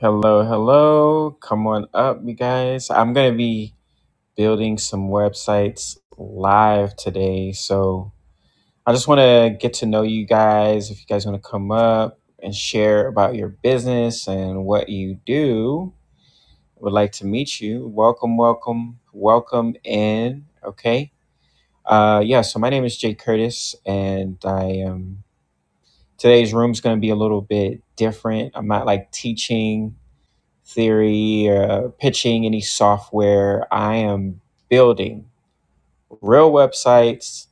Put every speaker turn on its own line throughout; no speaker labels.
Hello, hello. Come on up, you guys. I'm going to be building some websites live today. So I just want to get to know you guys. If you guys want to come up and share about your business and what you do, I would like to meet you. Welcome, welcome, welcome in. Okay. Uh, yeah, so my name is Jay Curtis, and I am today's room's going to be a little bit different. I'm not like teaching theory, uh, pitching any software. I am building real websites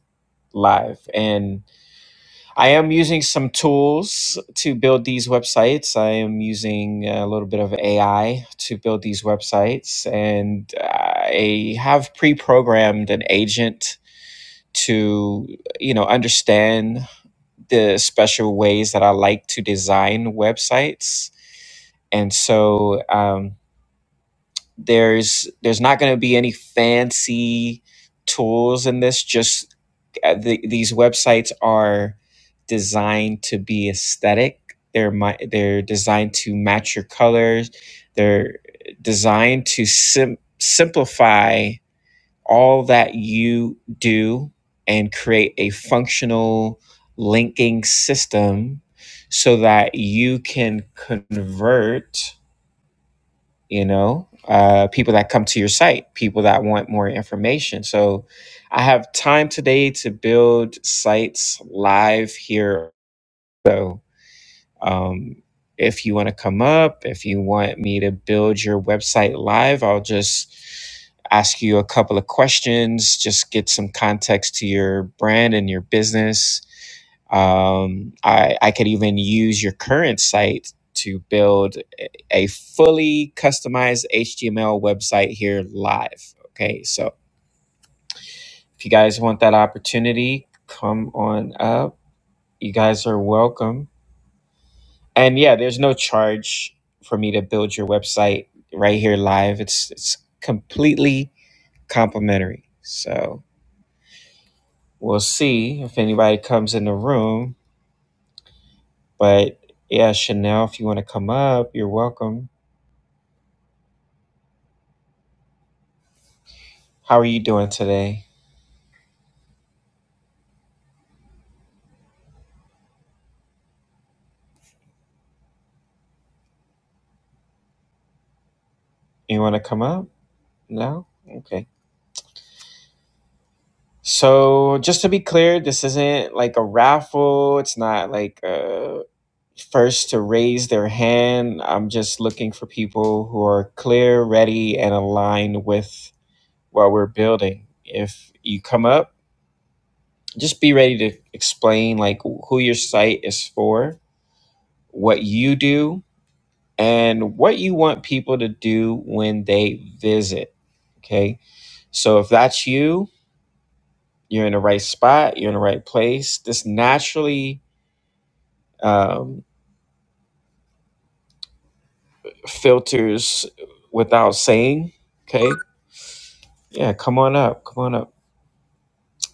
live. And I am using some tools to build these websites. I am using a little bit of AI to build these websites. And I have pre programmed an agent to you know understand the special ways that i like to design websites and so um, There's there's not going to be any fancy tools in this. Just uh, the, these websites are designed to be aesthetic. They're my, they're designed to match your colors. They're designed to sim- simplify all that you do and create a functional linking system so that you can convert you know uh, people that come to your site people that want more information so i have time today to build sites live here So. Um, if you want to come up, if you want me to build your website live, I'll just ask you a couple of questions, just get some context to your brand and your business. Um, I, I could even use your current site to build a a fully customized HTML website here live. Okay, so if you guys want that opportunity, come on up. You guys are welcome and yeah, there's no charge for me to build your website right here live. It's it's completely complimentary. So we'll see if anybody comes in the room. But yeah, Chanel, if you want to come up, you're welcome. How are you doing today? You want to come up? No? Okay. So just to be clear, this isn't like a raffle. It's not like uh first to raise their hand. I'm just looking for people who are clear, ready, and aligned with what we're building. If you come up, just be ready to explain like who your site is for, what you do, and what you want people to do when they visit. Okay? So if that's you, you're in the right spot, you're in the right place. This naturally um, filters without saying. Okay? Yeah, come on up. Come on up.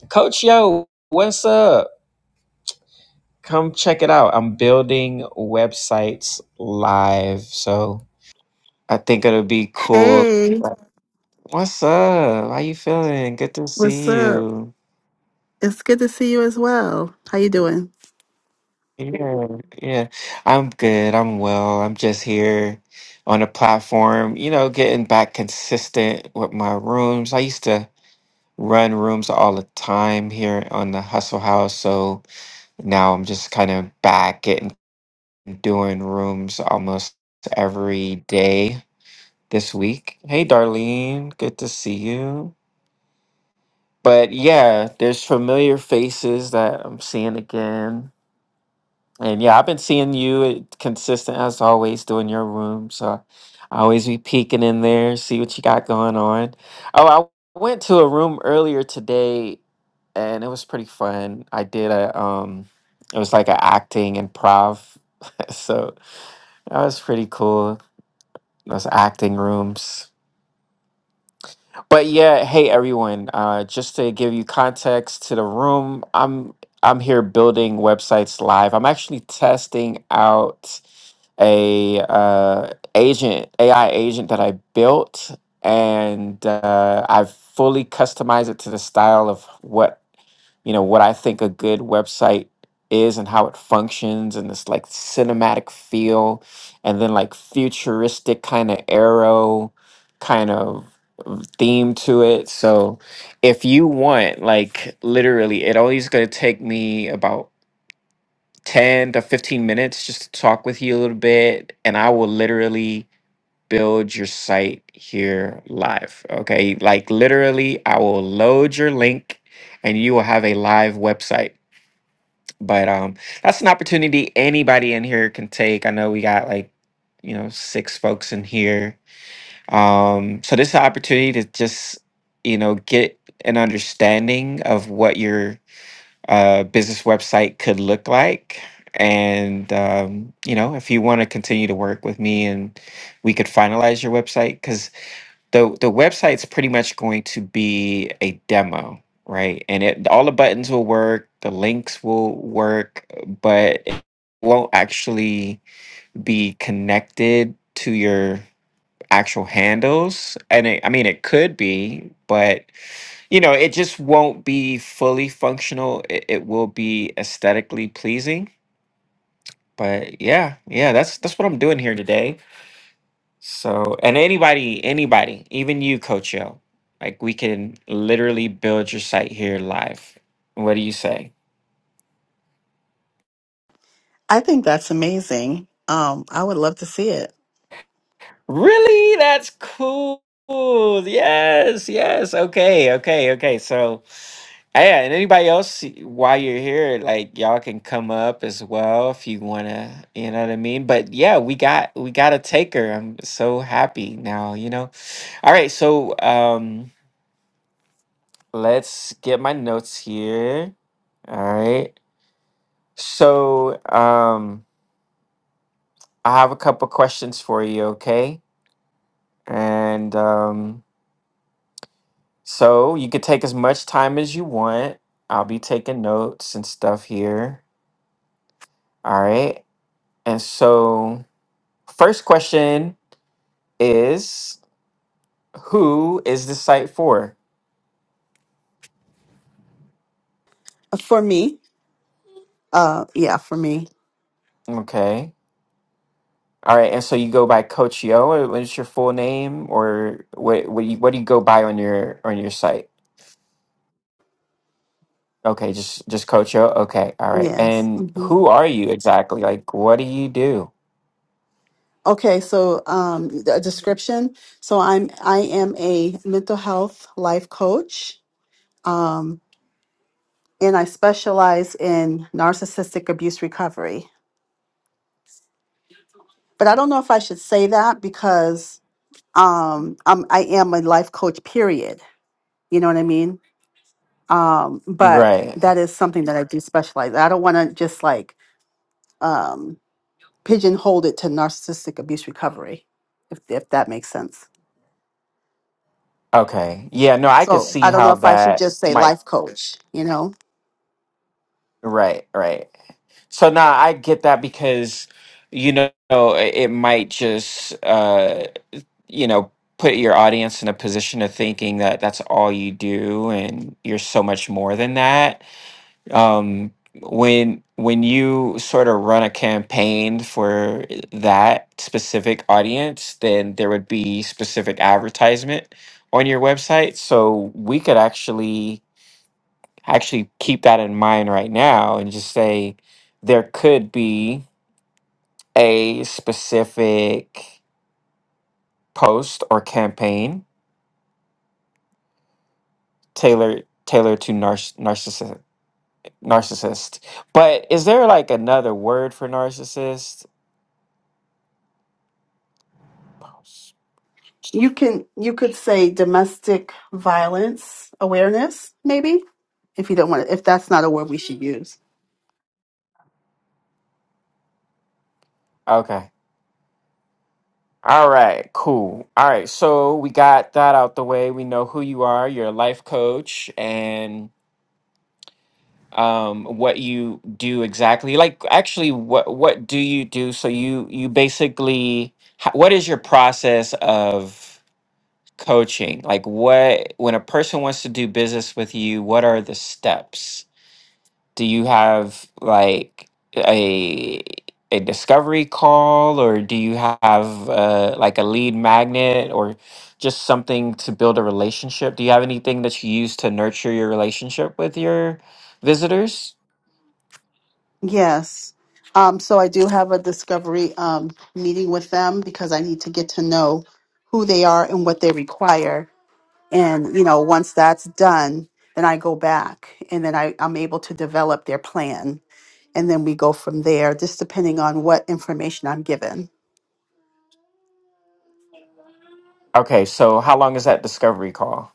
Coach Yo, what's up? Come check it out. I'm building websites live. So I think it'll be cool.
Hey,
What's up? How you feeling? Good to
what's
see
up?
you.
It's good to see you as well. How you doing?
Yeah, yeah. I'm good. I'm well. I'm just here on a platform, you know, getting back consistent with my rooms. I used to run rooms all the time here on the Hustle House, so now I'm just kind of back getting doing rooms almost every day this week. Hey, Darlene, good to see you. But yeah, there's familiar faces that I'm seeing again. And yeah, I've been seeing you at- consistent as always doing your room. So I always be peeking in there, see what you got going on. Oh, I went to a room earlier today and it was pretty fun. I did a um it was like an acting improv. so that was pretty cool. those acting rooms. But yeah, hey everyone. Uh, just to give you context to the room, I'm I'm here building websites live. I'm actually testing out a uh, agent AI agent that I built, and uh, I've fully customized it to the style of what you know what I think a good website is and how it functions and this like cinematic feel and then like futuristic kind of arrow kind of theme to it. So if you want like literally it always going to take me about 10 to 15 minutes just to talk with you a little bit and I will literally build your site here live. Okay? Like literally I will load your link and you will have a live website but um, that's an opportunity anybody in here can take. I know we got like, you know, six folks in here. Um, so this is an opportunity to just, you know, get an understanding of what your uh, business website could look like. And um, you know, if you want to continue to work with me and we could finalize your website, because the the website's pretty much going to be a demo, right? And it all the buttons will work, the links will work, but it won't actually be connected to your actual handles. And it, I mean, it could be, but you know, it just won't be fully functional. It, it will be aesthetically pleasing. But yeah, yeah, that's that's what I'm doing here today. So, and anybody, anybody, even you, Coach Yo, like we can literally build your site here live. What do you say?
I think that's amazing. Um, I would love to see it.
Really? That's cool. Yes, yes. Okay, okay, okay. So, ah, yeah, and anybody else, y- while you're here, like y'all can come up as well if you wanna, you know what I mean? But yeah, we got we got a taker. I'm so happy now, you know. All right, so um let's get my notes here. All right. So, um, I have a couple questions for you, okay? And um, so you could take as much time as you want. I'll be taking notes and stuff here. All right. And so, first question is who is this site for?
Uh, For me, uh, yeah, for me,
Okay. All right. And so you go by Coach Yo. What's your full name, or what? What do you, what do you go by on your on your site? Okay, just just Coach O. Okay, all right.
yes.
And
hmm
who are you exactly? Like, what do you do?
Okay, so um, a description. So I'm I am a mental health life coach. um, and I specialize in narcissistic abuse recovery. But I don't know if I should say that because um, I'm, I am a life coach, period. You know what I mean? Um, but
Right.
that is something that I do specialize. in. I don't want to just like um, pigeonhole it to narcissistic abuse recovery, if, if that makes sense.
Okay. Yeah. No, I could
So
see
I don't know
how
if I should
that
just say
might.
life coach, you know?
Right. Right. So now I get that because you know it it might just uh you know put your audience in a position of thinking that that's all you do and you're so much more than that um when when you sort of run a campaign for that specific audience then there would be specific advertisement on your website so we could actually actually keep that in mind right now and just say there could be a specific post or campaign tailored tailored to nar- narcissist narcissist but is there like another word for narcissist
You can you could say domestic violence awareness, maybe, if you don't want to, if that's not a word we should use.
Okay. All right. Cool. All right. So we got that out the way. We know who you are. You're a life coach, and um, what you do exactly. Like, actually, what what do you do? So you you basically, ho- what is your process of coaching? Like, what when a person wants to do business with you, what are the steps? do you have like a a discovery call or do you have uh, like a lead magnet or just something to build a relationship do you have anything that you use to nurture your relationship with your visitors
Yes. Um, so I do have a discovery um, meeting with them because I need to get to know who they are and what they require. And, you know, once that's done, then I go back and then I, I'm able to develop their plan. And then we go from there, just depending on what information I'm given.
okay so how long is that discovery call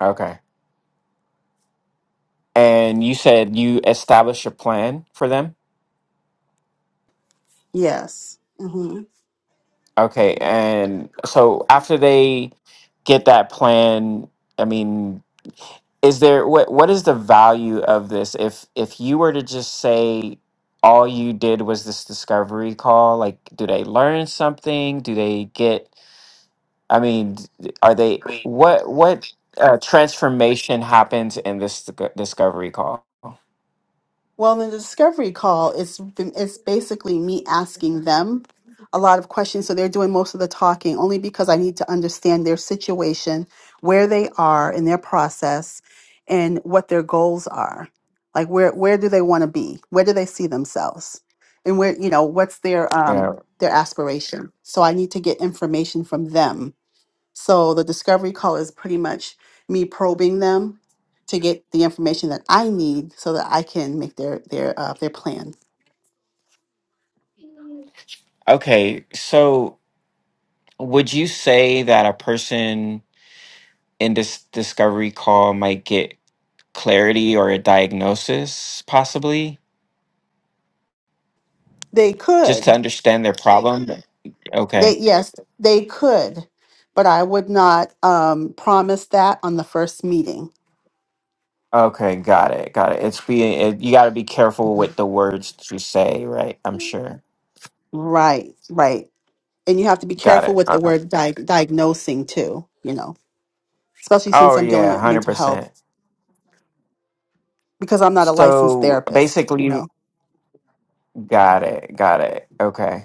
okay and you said you establish a plan for them
Yes. Mm-hmm.
okay and so after they get that plan i mean is there what what is the value of this if if you were to just say all you did was this discovery call like do they learn something do they get i mean d- are they what what uh, transformation happens in this disco- discovery call
Well, in the discovery call, it's been- it's basically me asking them a lot of questions, so they're doing most of the talking only because I need to understand their situation, where they are in their process, and what their goals are. Like where where do they want to be? Where do they see themselves? And where you know what's their um
yeah
their aspiration? So I need to get information from them so the discovery call is pretty much me probing them to get the information that I need so that I can make their their uh, their plan.
okay so would you say that a person in this discovery call might get clarity or a diagnosis possibly
They
just to
could.
understand their problem okay
They yes, they could. But I would not um, promise that on the first meeting.
Okay, got it, got it. It's being it, you got to be careful
Mhm.
with the words that you say, right? I'm sure.
Right, right. and you have to be
Got
careful
it.
with the
Okay.
word diag diagnosing too, you know, especially
Oh
since I'm dealing
yeah,
with
hundred
mental health
percent.
because I'm not a licensed
So
therapist, you
basically,
know.
got it, got it. Okay.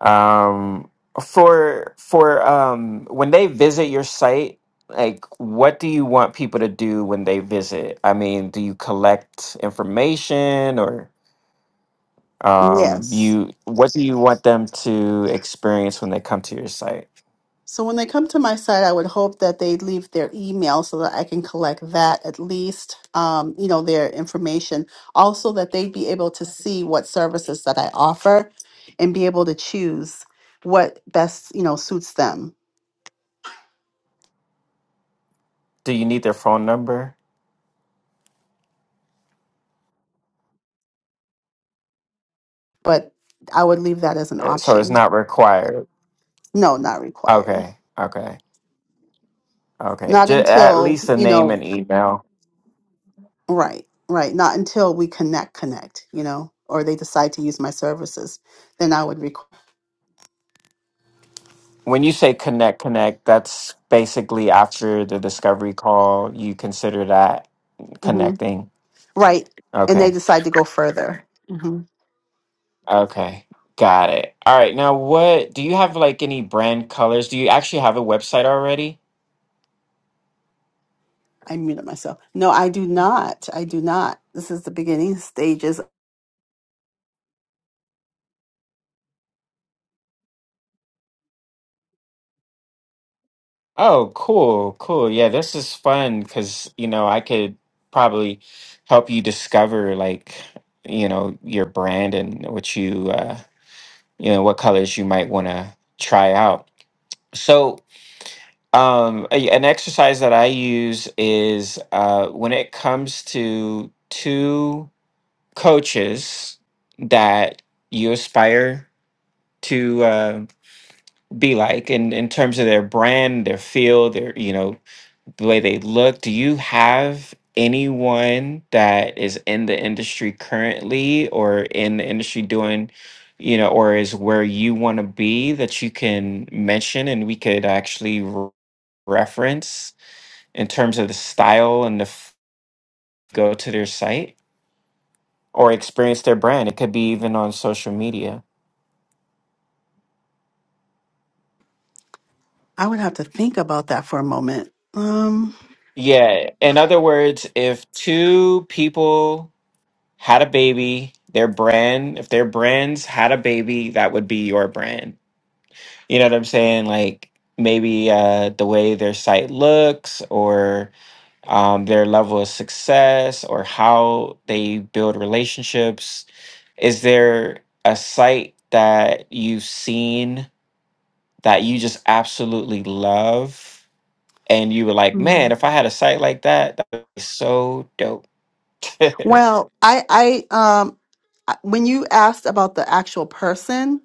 Um, for for um, when they visit your site, like, what do you want people to do when they visit? I mean, do you collect information or um,
Yes.
you what do you want them to experience when they come to your site?
So when they come to my site, I would hope that they leave their email so that I can collect that at least, um, you know, their information. Also, that they'd be able to see what services that I offer and be able to choose what best, you know, suits them.
Do you need their phone number?
But I would leave that as an
Uh, So it's
option.
not required.
No, not required.
Okay, okay, okay.
Not
Just at
until,
least a
you
name
know,
and email.
Right, right. Not until we connect, connect, you know, or they decide to use my services, then I would require.
When you say connect, connect, that's basically after the discovery call. You consider that
hmm
connecting.
Right, and they
Okay,
decide to go further. hmm
okay, got it. All right. Now, what do you have like any brand colors? Do you actually have a website already?
I muted myself. No, I do not. I do not. This is the beginning stages.
Oh, cool, cool. Yeah, this is fun because, you know, I could probably help you discover like, you know, your brand and what you uh, you know, what colors you might want to try out. So, um, a- an exercise that I use is uh when it comes to two coaches that you aspire to uh, be like in in terms of their brand, their field, their, you know, the way they look. Do you have anyone that is in the industry currently or in the industry doing, you know, or is where you want to be that you can mention and we could actually re- reference in terms of the style and the f- go to their site or experience their brand? It could be even on social media.
I would have to think about that for a moment. Um.
Yeah. In other words, if two people had a baby, their brand, if their brands had a baby, that would be your brand. You know what I'm saying? Like maybe uh, the way their site looks or um, their level of success or how they build relationships. Is there a site that you've seen that you just absolutely love? And you were like,
hmm.
man, if I had a site like that, that would be so dope.
Well, I, I, um, I- when you asked about the actual person,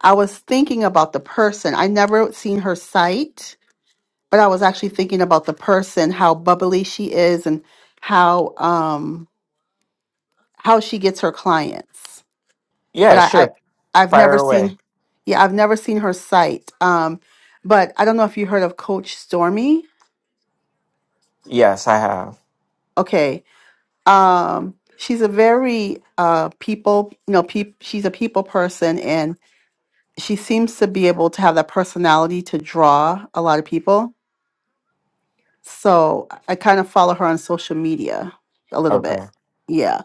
I was thinking about the person. I never seen her site. but I was actually thinking about the person, how bubbly she is, and how um how she gets her clients. But
yeah,
I, I
sure.
I've never
Fire away.
seen, yeah, I've never seen her site. Um, but I don't know if you heard of Coach Stormy.
Yes, I have.
Okay, um, she's a very uh people, you know, peop, she's a people person, and she seems to be able to have that personality to draw a lot of people. So I kind of follow her on social media a little bit.
Okay.
Yeah.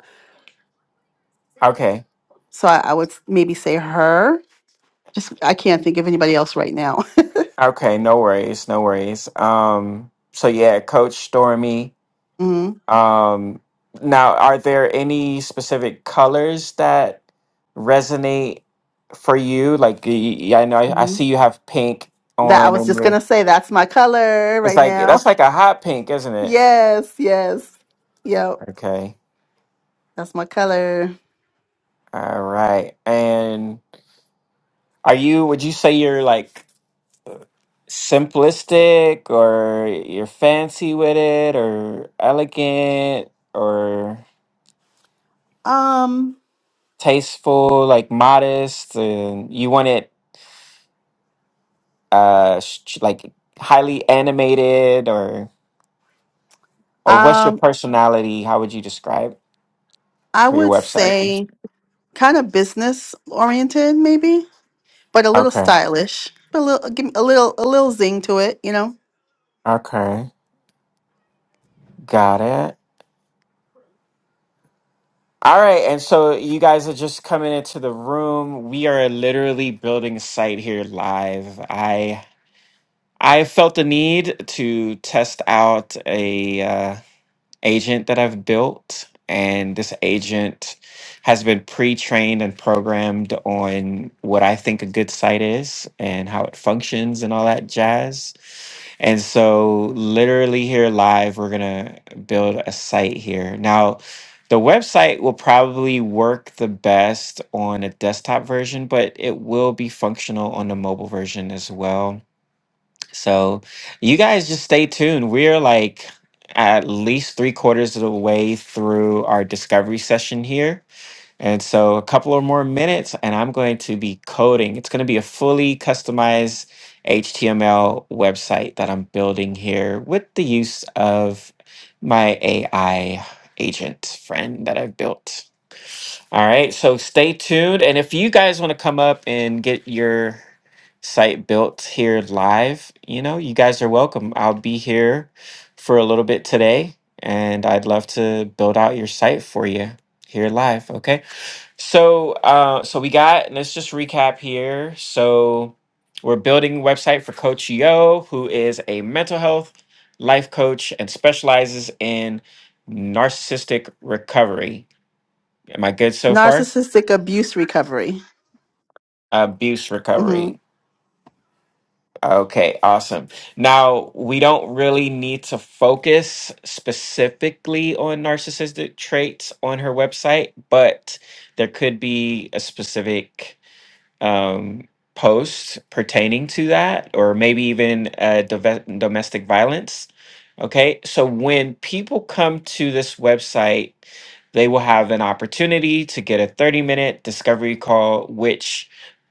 Okay.
So I, I would s- maybe say her. Just I can't think of anybody else right now.
Okay. No worries. No worries. Um, so yeah, Coach Stormy.
hmm
Um, now, are there any specific colors that resonate for you? Like, y- y- I know I, I
hmm
see you have pink
That I
on,
was
and
just
your
gonna say that's my color
it's
right
like
now.
that's like a hot pink, isn't it?
Yes, yes, yep,
Okay.
that's my color.
All right. And are you? Would you say you're like simplistic, or you're fancy with it, or elegant, or?
Um,
tasteful, like modest, and you want it uh sh- like highly animated or or what's your
um,
personality? How would you describe
I
for
would
your website?
say kind of business oriented, maybe, but a little
Okay.
stylish, but a little give me a little a little zing to it, you know.
Okay. Got it. All right, and so you guys are just coming into the room. We are literally building a site here live. I I felt the need to test out a uh, agent that I've built. And this agent has been pre trained and programmed on what I think a good site is and how it functions and all that jazz. And so, literally, here live, we're going to build a site here. Now, the website will probably work the best on a desktop version, but it will be functional on the mobile version as well so you guys just stay tuned. We're like at least three quarters of the way through our discovery session here. And so a couple of more minutes, and I'm going to be coding. It's going to be a fully customized HTML website that I'm building here with the use of my AI agent friend that I've built. All right, so stay tuned. And if you guys want to come up and get your site built here live, you know, you guys are welcome. I'll be here for a little bit today, and I'd love to build out your site for you here live. Okay. So uh so we got let's just recap here. So we're building a website for Coach Yo, who is a mental health life coach and specializes in narcissistic recovery. Am I good so far?
Narcissistic abuse recovery.
abuse recovery.
Mm-hmm.
Okay, awesome. Now, we don't really need to focus specifically on narcissistic traits on her website, but there could be a specific um, posts pertaining to that, or maybe even uh, dove- domestic violence. Okay, so when people come to this website, they will have an opportunity to get a 30 minute discovery call, which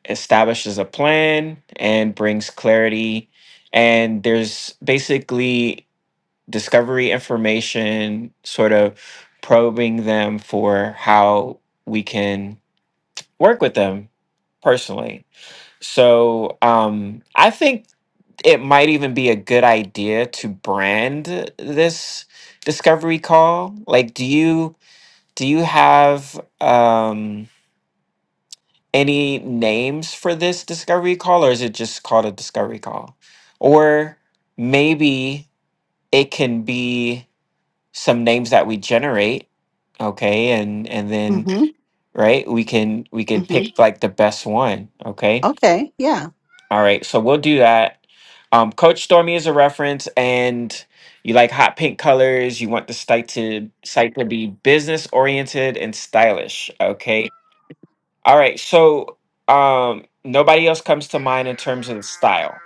establishes a plan and brings clarity. And there's basically discovery information, sort of probing them for how we can work with them personally so um, I think it might even be a good idea to brand this discovery call. Like, do you do you have um, any names for this discovery call, or is it just called a discovery call? Or maybe it can be some names that we generate, okay, and and then
Mm-hmm.
right we can we could
Mm-hmm.
pick like the best one, okay
Okay. Yeah.
All right, so we'll do that. Um, Coach Stormy is a reference, and you like hot pink colors. You want the site to site to be business oriented and stylish. Okay. All right. So um, nobody else comes to mind in terms of the style.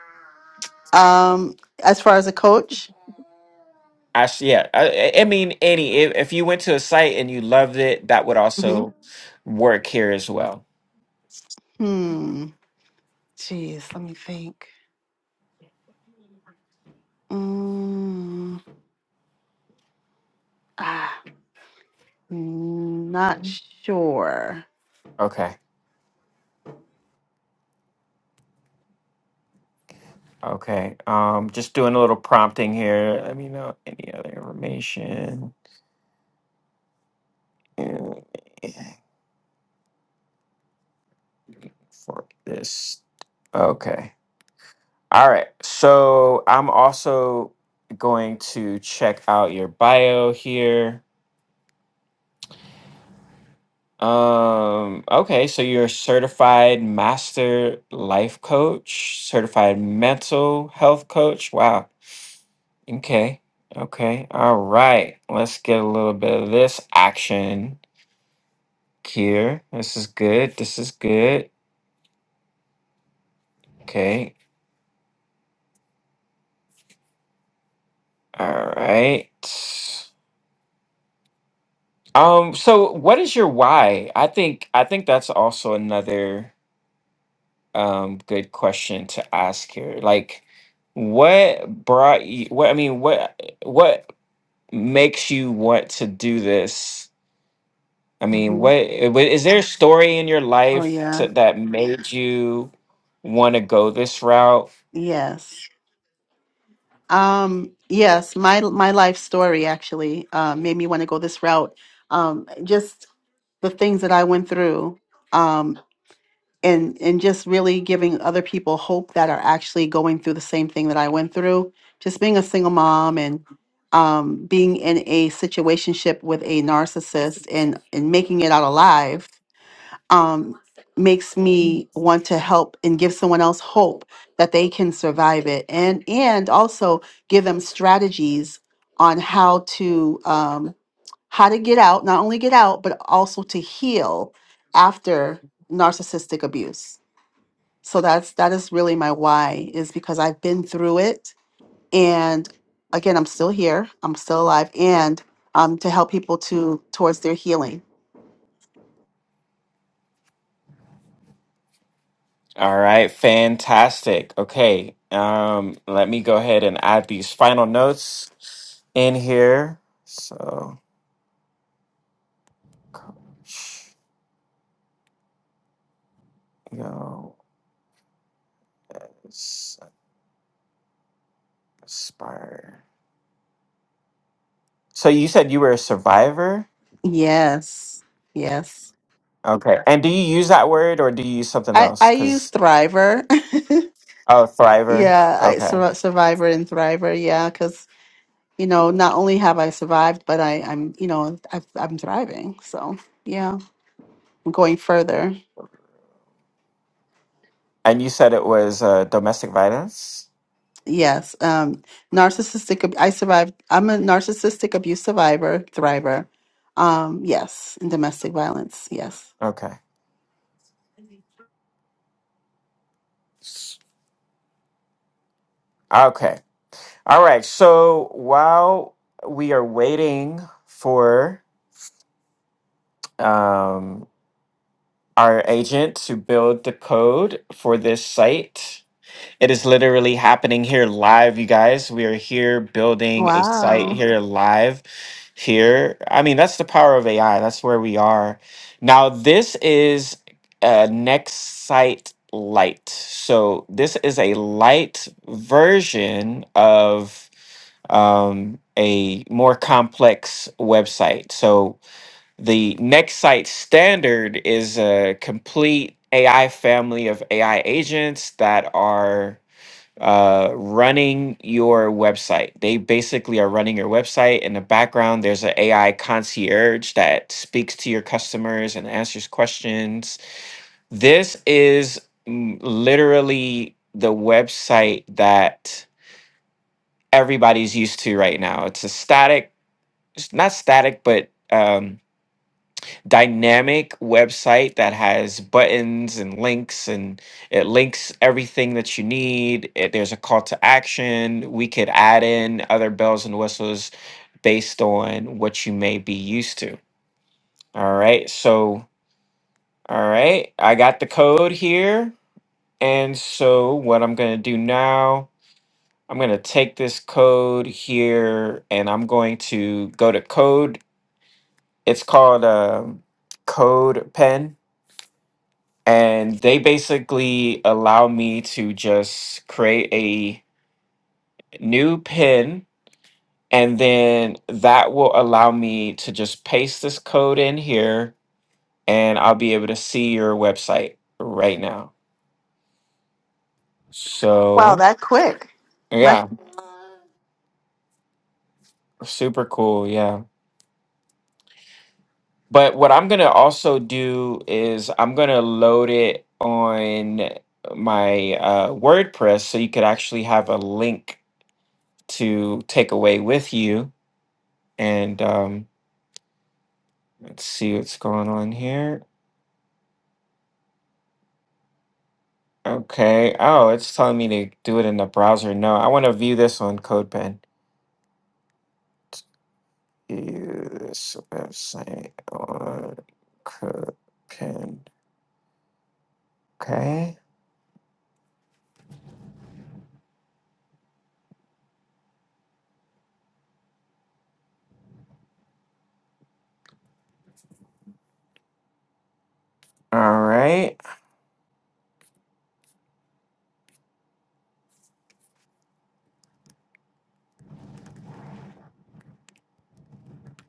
Um, as far as a coach.
I s- yeah. I, I I mean, any if, if you went to a site and you loved it, that would
hmm
also work here as well.
Hmm. Jeez, let me think. Mm, ah, not sure.
Okay. Okay. Um, just doing a little prompting here. Let me know any other information. Yeah. for this. Okay. All right. So I'm also going to check out your bio here. Um, okay, so you're a certified master life coach, certified mental health coach. Wow. Okay. Okay. All right. Let's get a little bit of this action here. This is good. This is good. Okay. All right. Um, so what is your why? I think I think that's also another um good question to ask here. Like what brought you what I mean, what what makes you want to do this? I mean,
hmm
what i- wa- there a story in your
Oh
life to,
yeah.
that made you want to go this route?
Yes. Um, yes, my my life story actually uh, made me want to go this route. Um, just the things that I went through. um, and and just really giving other people hope that are actually going through the same thing that I went through. Just being a single mom and um, being in a situationship with a narcissist and and making it out alive um, makes me want to help and give someone else hope that they can survive it and and also give them strategies on how to um, how to get out, not only get out but also to heal after narcissistic abuse. So that's that is really my why is because I've been through it and again I'm still here. I'm still alive and um to help people to towards their healing.
All right, fantastic. Okay. Um, let me go ahead and add these final notes in here. So Coach, yo, it's inspire. So you said you were a survivor?
Yes. Yes.
Okay. Yeah. And do you use that word or do you use something
I
else?
I use
Because,
Thriver.
oh, thriver.
yeah, I
Okay.
sur- Survivor and Thriver. Yeah, cuz you know, not only have I survived, but I I'm you know, I've, I'm thriving. So, yeah, I'm going further.
And you said it was uh, domestic violence?
Yes, um, narcissistic. ab- I survived. I'm a narcissistic abuse survivor, thriver. Um, yes, and domestic violence. Yes.
Okay. Okay. All right. So while we are waiting for um, our agent to build the code for this site, It is literally happening here live, you guys. We are here building a site
Wow.
here live. Here, I mean, that's the power of AI. That's where we are. Now, this is uh, Next Site Lite. So, this is a light version of um, a more complex website. So, the next site standard is a complete AI family of AI agents that are uh, running your website. They basically are running your website. In the background, there's an AI concierge that speaks to your customers and answers questions. This is mm, literally the website that everybody's used to right now. It's a static, it's not static, but um, dynamic website that has buttons and links and it links everything that you need. It, there's a call to action. We could add in other bells and whistles based on what you may be used to. All right. So, all right. I got the code here. And so, what I'm going to do now, I'm going to take this code here and I'm going to go to code. It's called um, Code Pen and they basically allow me to just create a new pin and then that will allow me to just paste this code in here and I'll be able to see your website right now.
Wow,
So,
that quick. My,
yeah, super cool, yeah. But what I'm going to also do is I'm going to load it on my uh, WordPress so you could actually have a link to take away with you and um Let's see what's going on here. Okay. Oh, it's telling me to do it in the browser. No, I want to view this on CodePen. View this website on CodePen. Okay. All right.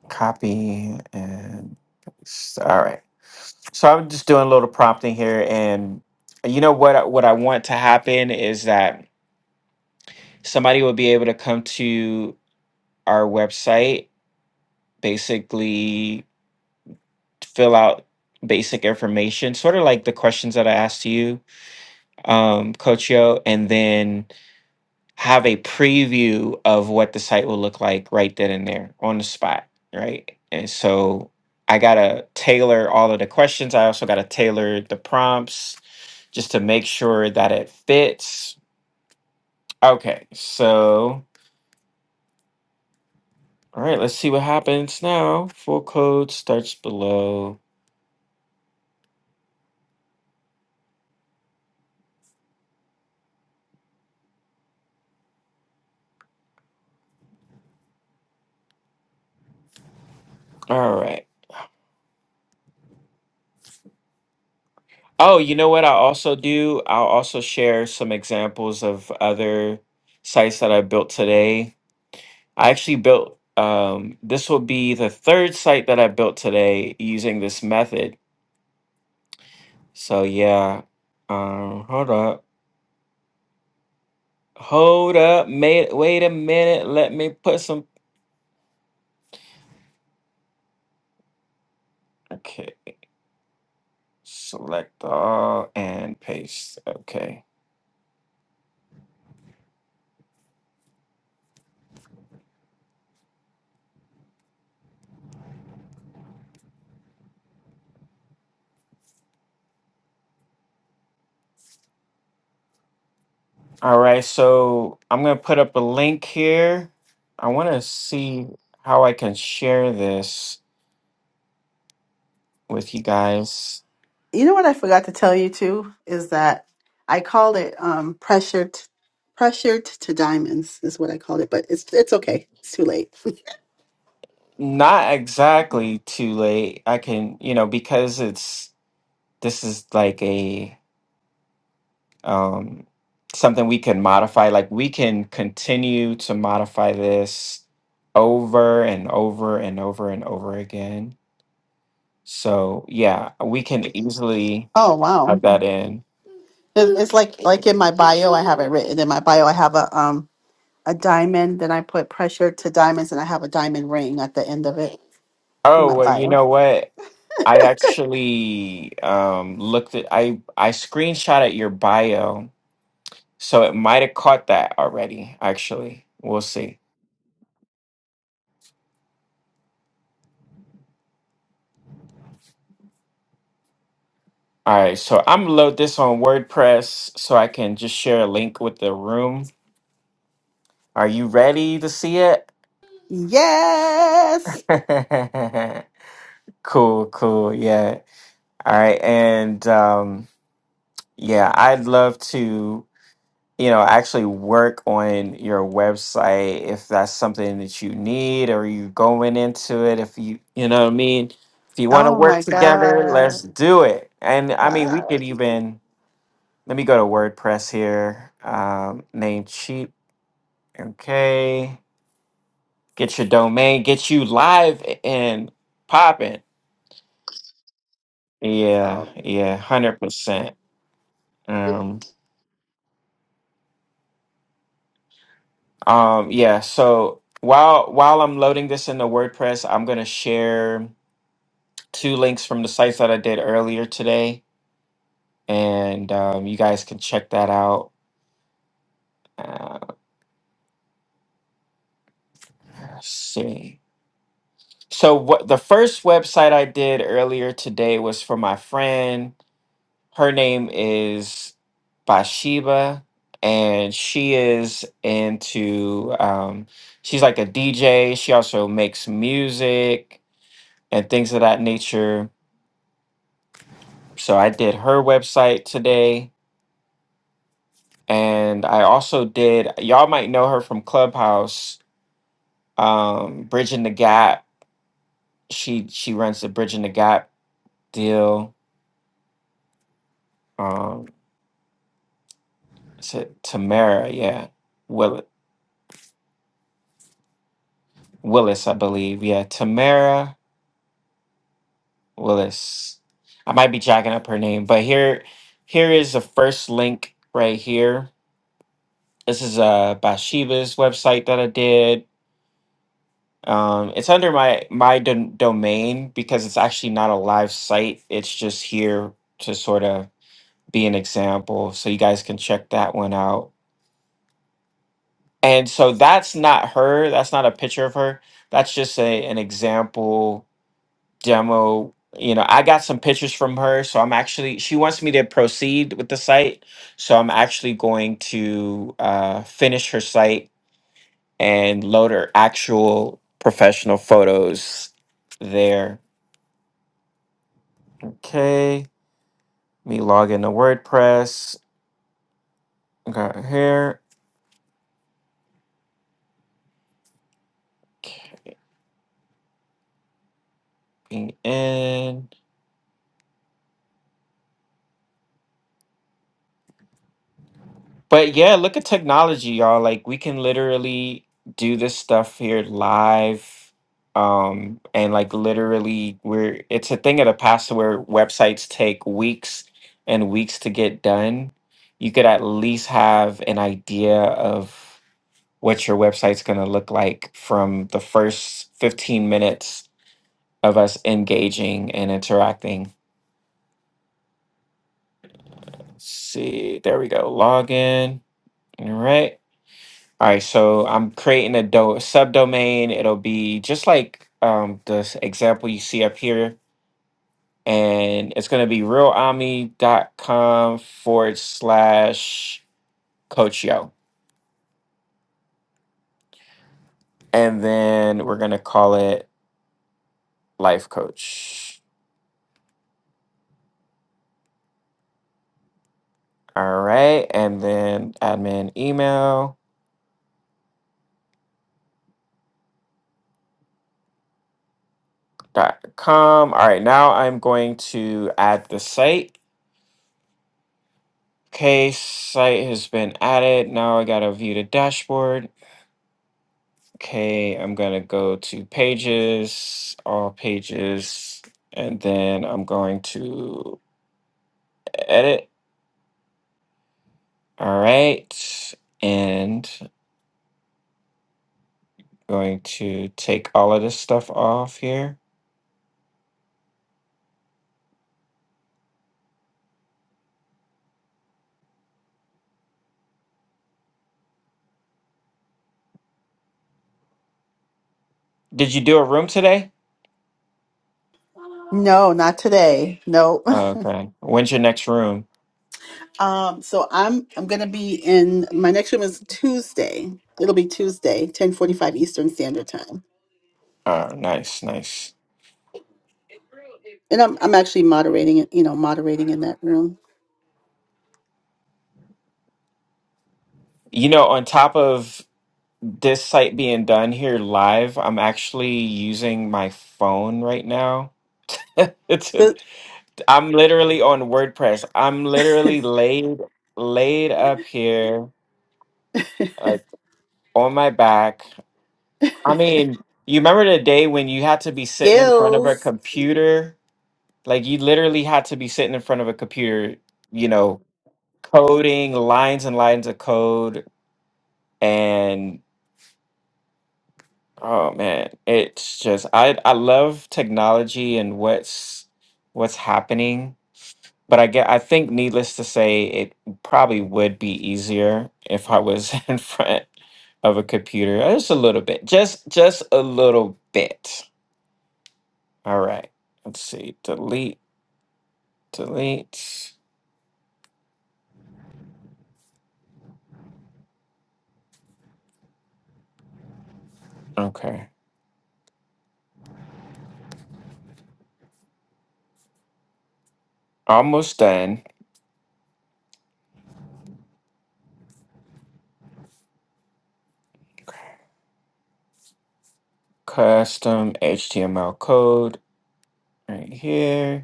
Copy and paste. All right. So I'm just doing a little prompting here, and you know what? I- What I want to happen is that somebody will be able to come to our website, basically fill out basic information, sort of like the questions that I asked you, um, Coach Yo, and then have a preview of what the site will look like right then and there on the spot, right? And so I gotta tailor all of the questions. I also gotta tailor the prompts just to make sure that it fits. Okay, so all right, let's see what happens now. Full code starts below. All right. Oh, you know what i also do? I'll also share some examples of other sites that I built today. I actually built um this will be the third site that I built today using this method. So yeah. Um hold up. Hold up. Mate, wait a minute. Let me put some okay. Select all and paste. Okay. All right, so I'm gonna put up a link here. I want to see how I can share this with you guys.
you know what I forgot to tell you too is that I called it um, pressured, pressured to diamonds is what I called it, but it's it's okay. It's too late.
Not exactly too late. I can, you know, because it's this is like a um something we can modify. Like we can continue to modify this over and over and over and over again. So, yeah, we can easily
Oh wow.
have that in.
It- It's like like in my bio, I have it written in my bio. I have a um a diamond. Then I put pressure to diamonds, and I have a diamond ring at the end of it in
Oh,
my
well, you
bio.
know what? I actually um, looked at I I screenshot at your bio, so it might have caught that already. Actually, we'll see. All right, so I'm gonna load this on WordPress so I can just share a link with the room. Are you ready to see it?
Yes.
cool, cool, yeah. All right, and um, yeah, I'd love to. you know, actually work on your website if that's something that you need or you're going into it. If you, you know what I mean? If you want to
Oh
work
my
together,
god.
let's do it. And I mean, we
Wow.
could even, let me go to WordPress here, um, Namecheap. Okay. Get your domain, get you live and popping. Yeah,
Oh. man.
yeah, 100%. Um, um, yeah, so while while I'm loading this into WordPress, I'm gonna share. two links from the sites that I did earlier today, and um, you guys can check that out. Uh, let's see. So what the first website I did earlier today was for my friend. Her name is Bathsheba, and she is into. Um, she's like a DJ. She also makes music and things of that nature. So I did her website today and I also did. Y'all might know her from Clubhouse, um, Bridging the Gap. She she runs the Bridging the Gap deal. Um, is it Tamara? Yeah, Will Willis, I believe. Yeah, Tamara Willis. I might be jacking up her name, but here here is the first link right here. This is uh Bathsheba's website that I did. Um, it's under my my dom- domain because it's actually not a live site. It's just here to sort of be an example, so you guys can check that one out. And so that's not her. That's not a picture of her. That's just a an example demo. You know, I got some pictures from her, so I'm actually she wants me to proceed with the site, so I'm actually going to uh, finish her site and load her actual professional photos there Okay, let me log into WordPress. Got here, copying in. But yeah, look at technology, y'all. Like we can literally do this stuff here live. Um, and like literally we're it's a thing of the past where websites take weeks and weeks to get done. You could at least have an idea of what your website's gonna look like from the first 15 minutes of us engaging and interacting. Let's see, there we go. Login. All right. All right. So I'm creating a do- subdomain. It'll be just like um, the s- example you see up here. And it's going to be realami.com forward slash coach yo. And then we're going to call it life coach. All right. And then admin email dot com. All right. Now I'm going to add the site Okay, site has been added. Now I gotta view the dashboard. Okay, I'm gonna go to pages, all pages, and then I'm going to edit. All right, and going to take all of this stuff off here. Did you do a room today?
No, not today. No.
Okay. When's your next room?
Um. So I'm I'm gonna be in my next room is Tuesday. It'll be Tuesday, ten forty five Eastern Standard Time,
Oh, nice, nice.
and I'm I'm actually moderating it. You know, moderating in that room.
You know, on top of this site being done here live, I'm actually using my phone right now. it's
The
I'm literally on WordPress. I'm literally laid laid up here, like on my back. I mean, you remember the day when you had to be sitting in front of
skills.
a computer? Like you literally had to be sitting in front of a computer, you know, coding lines and lines of code and. Oh man, it's just I I love technology and what's what's happening, but I get I think needless to say it probably would be easier if I was in front of a computer. Uh, Just a little bit. Just just a little bit. All right. Let's see. Delete, delete. Okay. Almost done. Custom HTML code right here.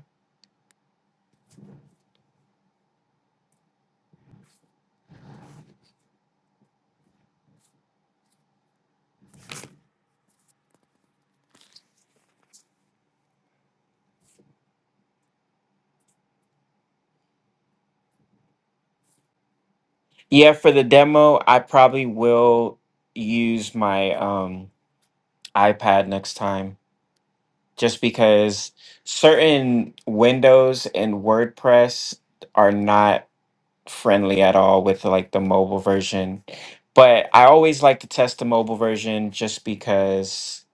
Yeah, for the demo, I probably will use my um, iPad next time just because certain windows and WordPress are not friendly at all with like the mobile version. But I always like to test the mobile version just because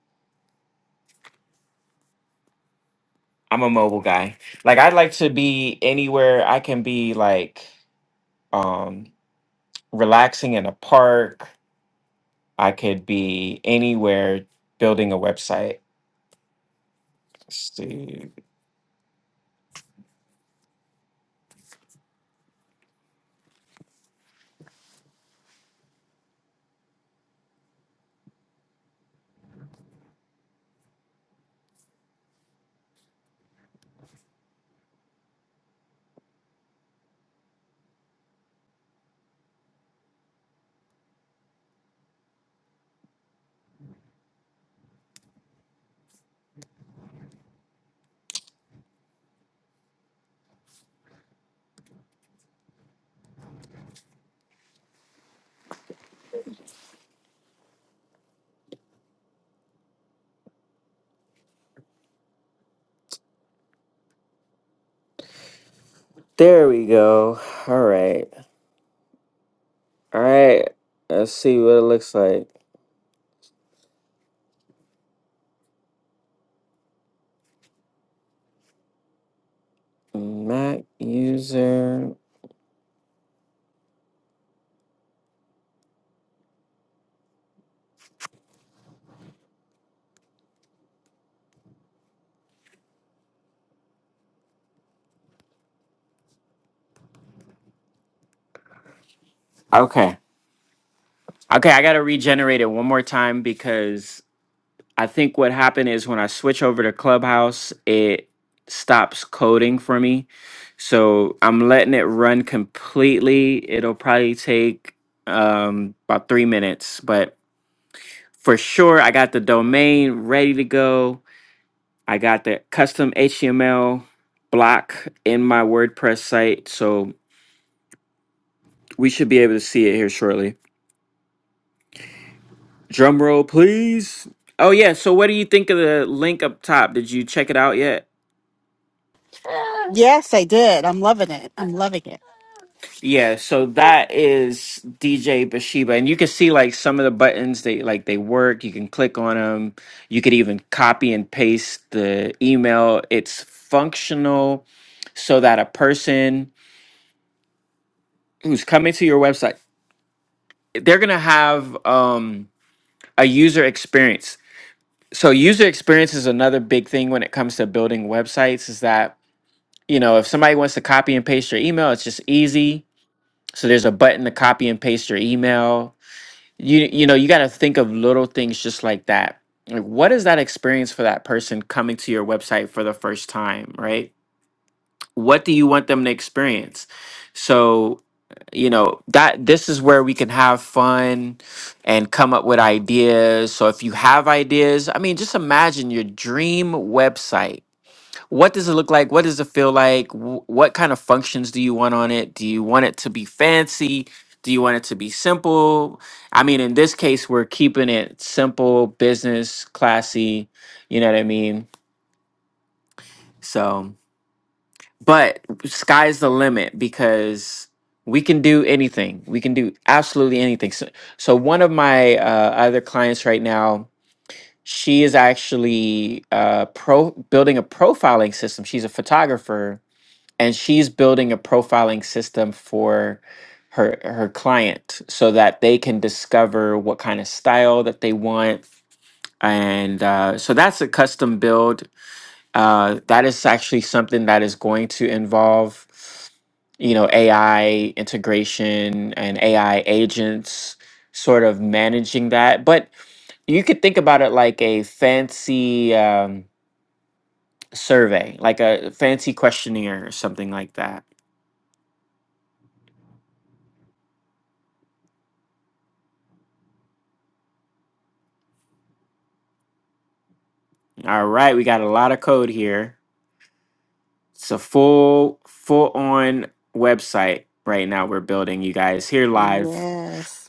I'm a mobile guy. Like I'd like to be anywhere I can be like um relaxing in a park. I could be anywhere building a website. Let's see. There we go. All right. All right. Let's see what it looks like. Mac user. Okay. Okay. I got to regenerate it one more time because I think what happened is when I switch over to Clubhouse, it stops coding for me. So I'm letting it run completely. It'll probably take um, about three minutes, but for sure, I got the domain ready to go. I got the custom HTML block in my WordPress site, so we should be able to see it here shortly. Drum roll, please. Oh yeah, so what do you think of the link up top? Did you check it out yet?
Yes, I did. I'm loving it. I'm loving it.
Yeah, so that is DJ Bashiba, and you can see like some of the buttons they like they work. You can click on them. You could even copy and paste the email. It's functional, so that a person who's coming to your website, they're gonna have um a user experience. So user experience is another big thing when it comes to building websites is that, you know, if somebody wants to copy and paste your email, it's just easy. So there's a button to copy and paste your email. You you know, you got to think of little things just like that. Like what is that experience for that person coming to your website for the first time, right? what do you want them to experience so you know that this is where we can have fun and come up with ideas so if you have ideas i mean just imagine your dream website what does it look like what does it feel like Wh- what kind of functions do you want on it do you want it to be fancy do you want it to be simple i mean in this case we're keeping it simple business classy you know what i mean so but sky's the limit because we can do anything we can do absolutely anything so, so one of my uh, other clients right now she is actually uh, pro building a profiling system she's a photographer and she's building a profiling system for her her client so that they can discover what kind of style that they want and uh, so that's a custom build uh, that is actually something that is going to involve, you know, AI integration and AI agents sort of managing that. But you could think about it like a fancy um, survey, like a fancy questionnaire or something like that. All right, we got a lot of code here. It's a full, full on website right now we're building, you guys, here live.
Yes.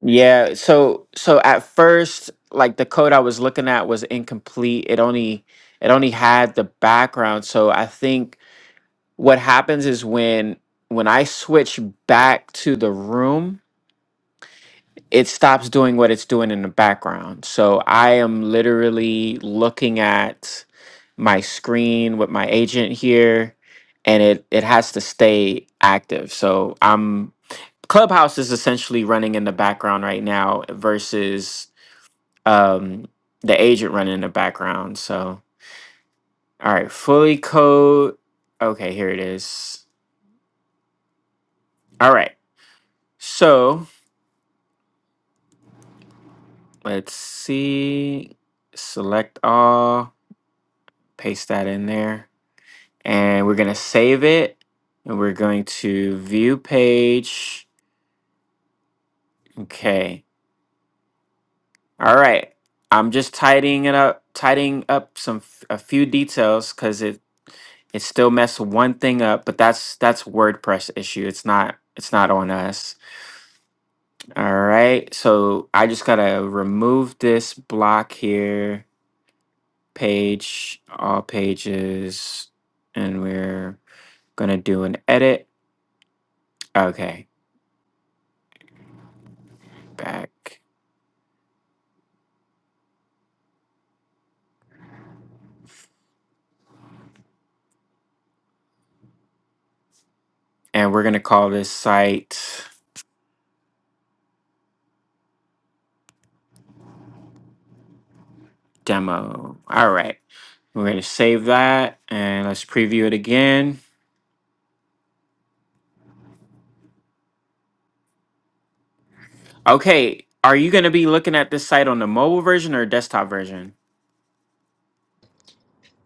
Yeah, so so at first, like the code I was looking at was incomplete. It only it only had the background. So I think what happens is when when I switch back to the room, it stops doing what it's doing in the background. So I am literally looking at my screen with my agent here and it it has to stay active. So I'm Clubhouse is essentially running in the background right now versus um the agent running in the background so all right fully code okay here it is all right so let's see select all paste that in there and we're going to save it and we're going to view page okay all right i'm just tidying it up tidying up some f- a few details because it it still messed one thing up but that's that's wordpress issue it's not it's not on us All right, so I just gotta remove this block here, page, all pages, and we're gonna do an edit. Okay, back. And we're gonna call this site demo. All right, we're gonna save that and let's preview it again. Okay, are you gonna be looking at this site on the mobile version or desktop version?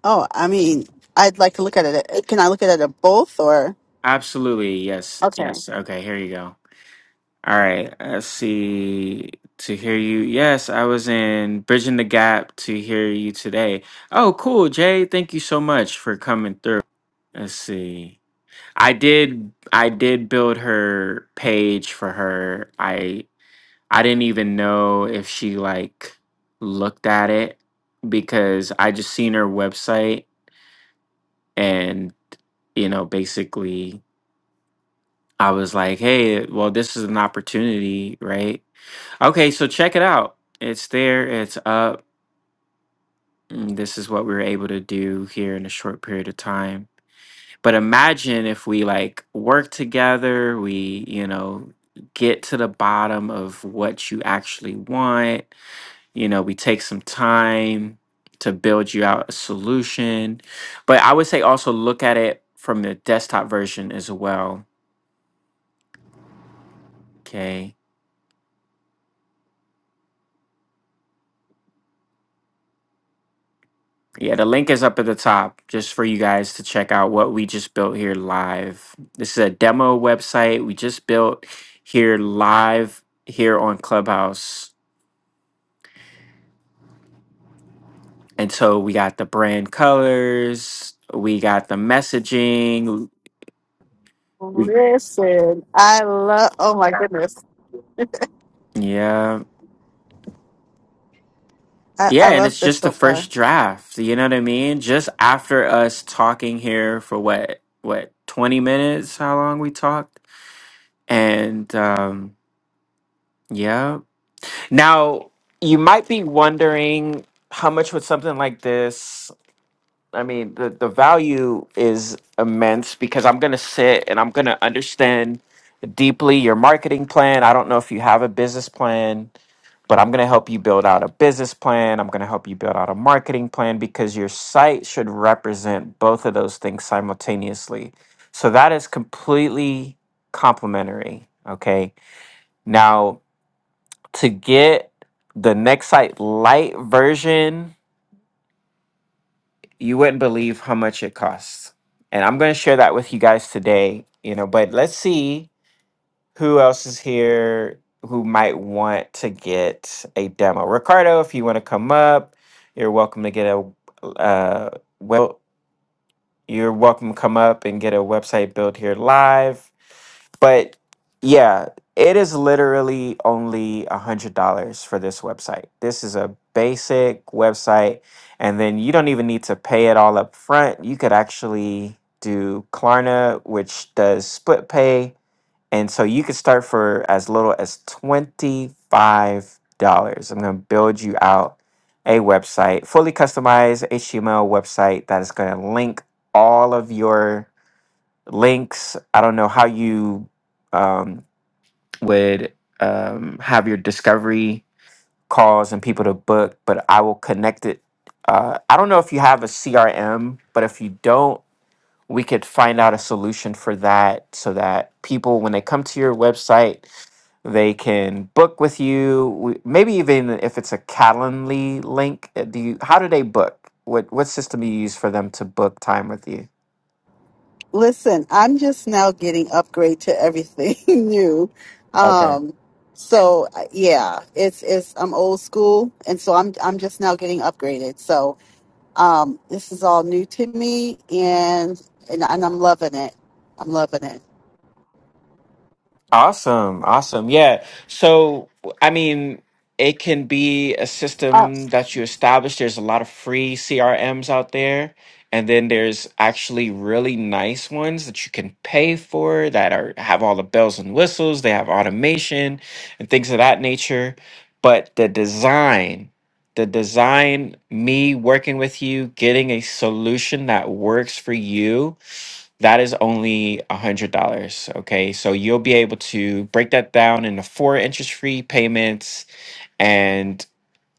Oh, I mean, I'd like to look at it. Uh, Can I look at it at both or?
Absolutely, yes, yes. Okay, here you go. All right, let's see. To hear you, yes, I was in Bridging the Gap to hear you today. Oh, cool, Jay. Thank you so much for coming through. Let's see. I did I did build her page for her. I I didn't even know if she like looked at it because I just seen her website and you know, basically I was like, "Hey, well this is an opportunity, right?" Okay, so check it out. It's there, it's up. Mm, This is what we were able to do here in a short period of time. But imagine if we like work together, we, you know, get to the bottom of what you actually want. You know, we take some time to build you out a solution. But I would say also look at it from the desktop version as well. Okay. Yeah, the link is up at the top just for you guys to check out what we just built here live. This is a demo website we just built here live here on Clubhouse. And so we got the brand colors, we got the messaging. We,
Listen, I love. Oh my goodness,
yeah.
I I
Yeah, and
love
it's
this
just
so
the
far.
first draft. You know what I mean? Just after us talking here for what what 20 minutes, how long we talked. And um yeah. Now, you might be wondering how much would something like this, I mean, the, the value is immense because I'm going to sit and I'm going to understand deeply your marketing plan. I don't know if you have a business plan, but I'm going to help you build out a business plan. I'm going to help you build out a marketing plan because your site should represent both of those things simultaneously. So that is completely complementary. Okay. now to get the Nexite Lite version, you wouldn't believe how much it costs. And I'm going to share that with you guys today, you know, but let's see who else is here who might want to get a demo. Ricardo, if you want to come up, you're welcome to get a uh, well You're welcome to come up and get a website built here live. But yeah, it is literally only a hundred dollars for this website. This is a basic website, and then you don't even need to pay it all up front. You could actually do Klarna, which does split pay and so you could start for as little as $25. I'm going to build you out a website, fully customized HTML website that is going to link all of your links. I don't know how you um, would um, have your discovery calls and people to book, but I will connect it. Uh, I don't know if you have a CRM, but if you don't, we could find out a solution for that so that people when they come to your website they can book with you We- maybe even if it's a calendly link uh, do you how do they book what what system do you use for them to book time with you
Listen, I'm just now getting upgrade to everything new.
okay
Um, so uh, yeah, it's it's I'm old school, and so I'm I'm just now getting upgraded. So um, this is all new to me, and and, and I'm loving it. I'm loving it.
Awesome, awesome. Yeah. So, I mean, it can be a system that you establish. There's a lot of free CRMs out there, and then there's actually really nice ones that you can pay for that are have all the bells and whistles, they have automation and things of that nature. But the design, the design, me working with you, getting a solution that works for you that is only $100. Okay. So you'll be able to break that down into four interest free payments. And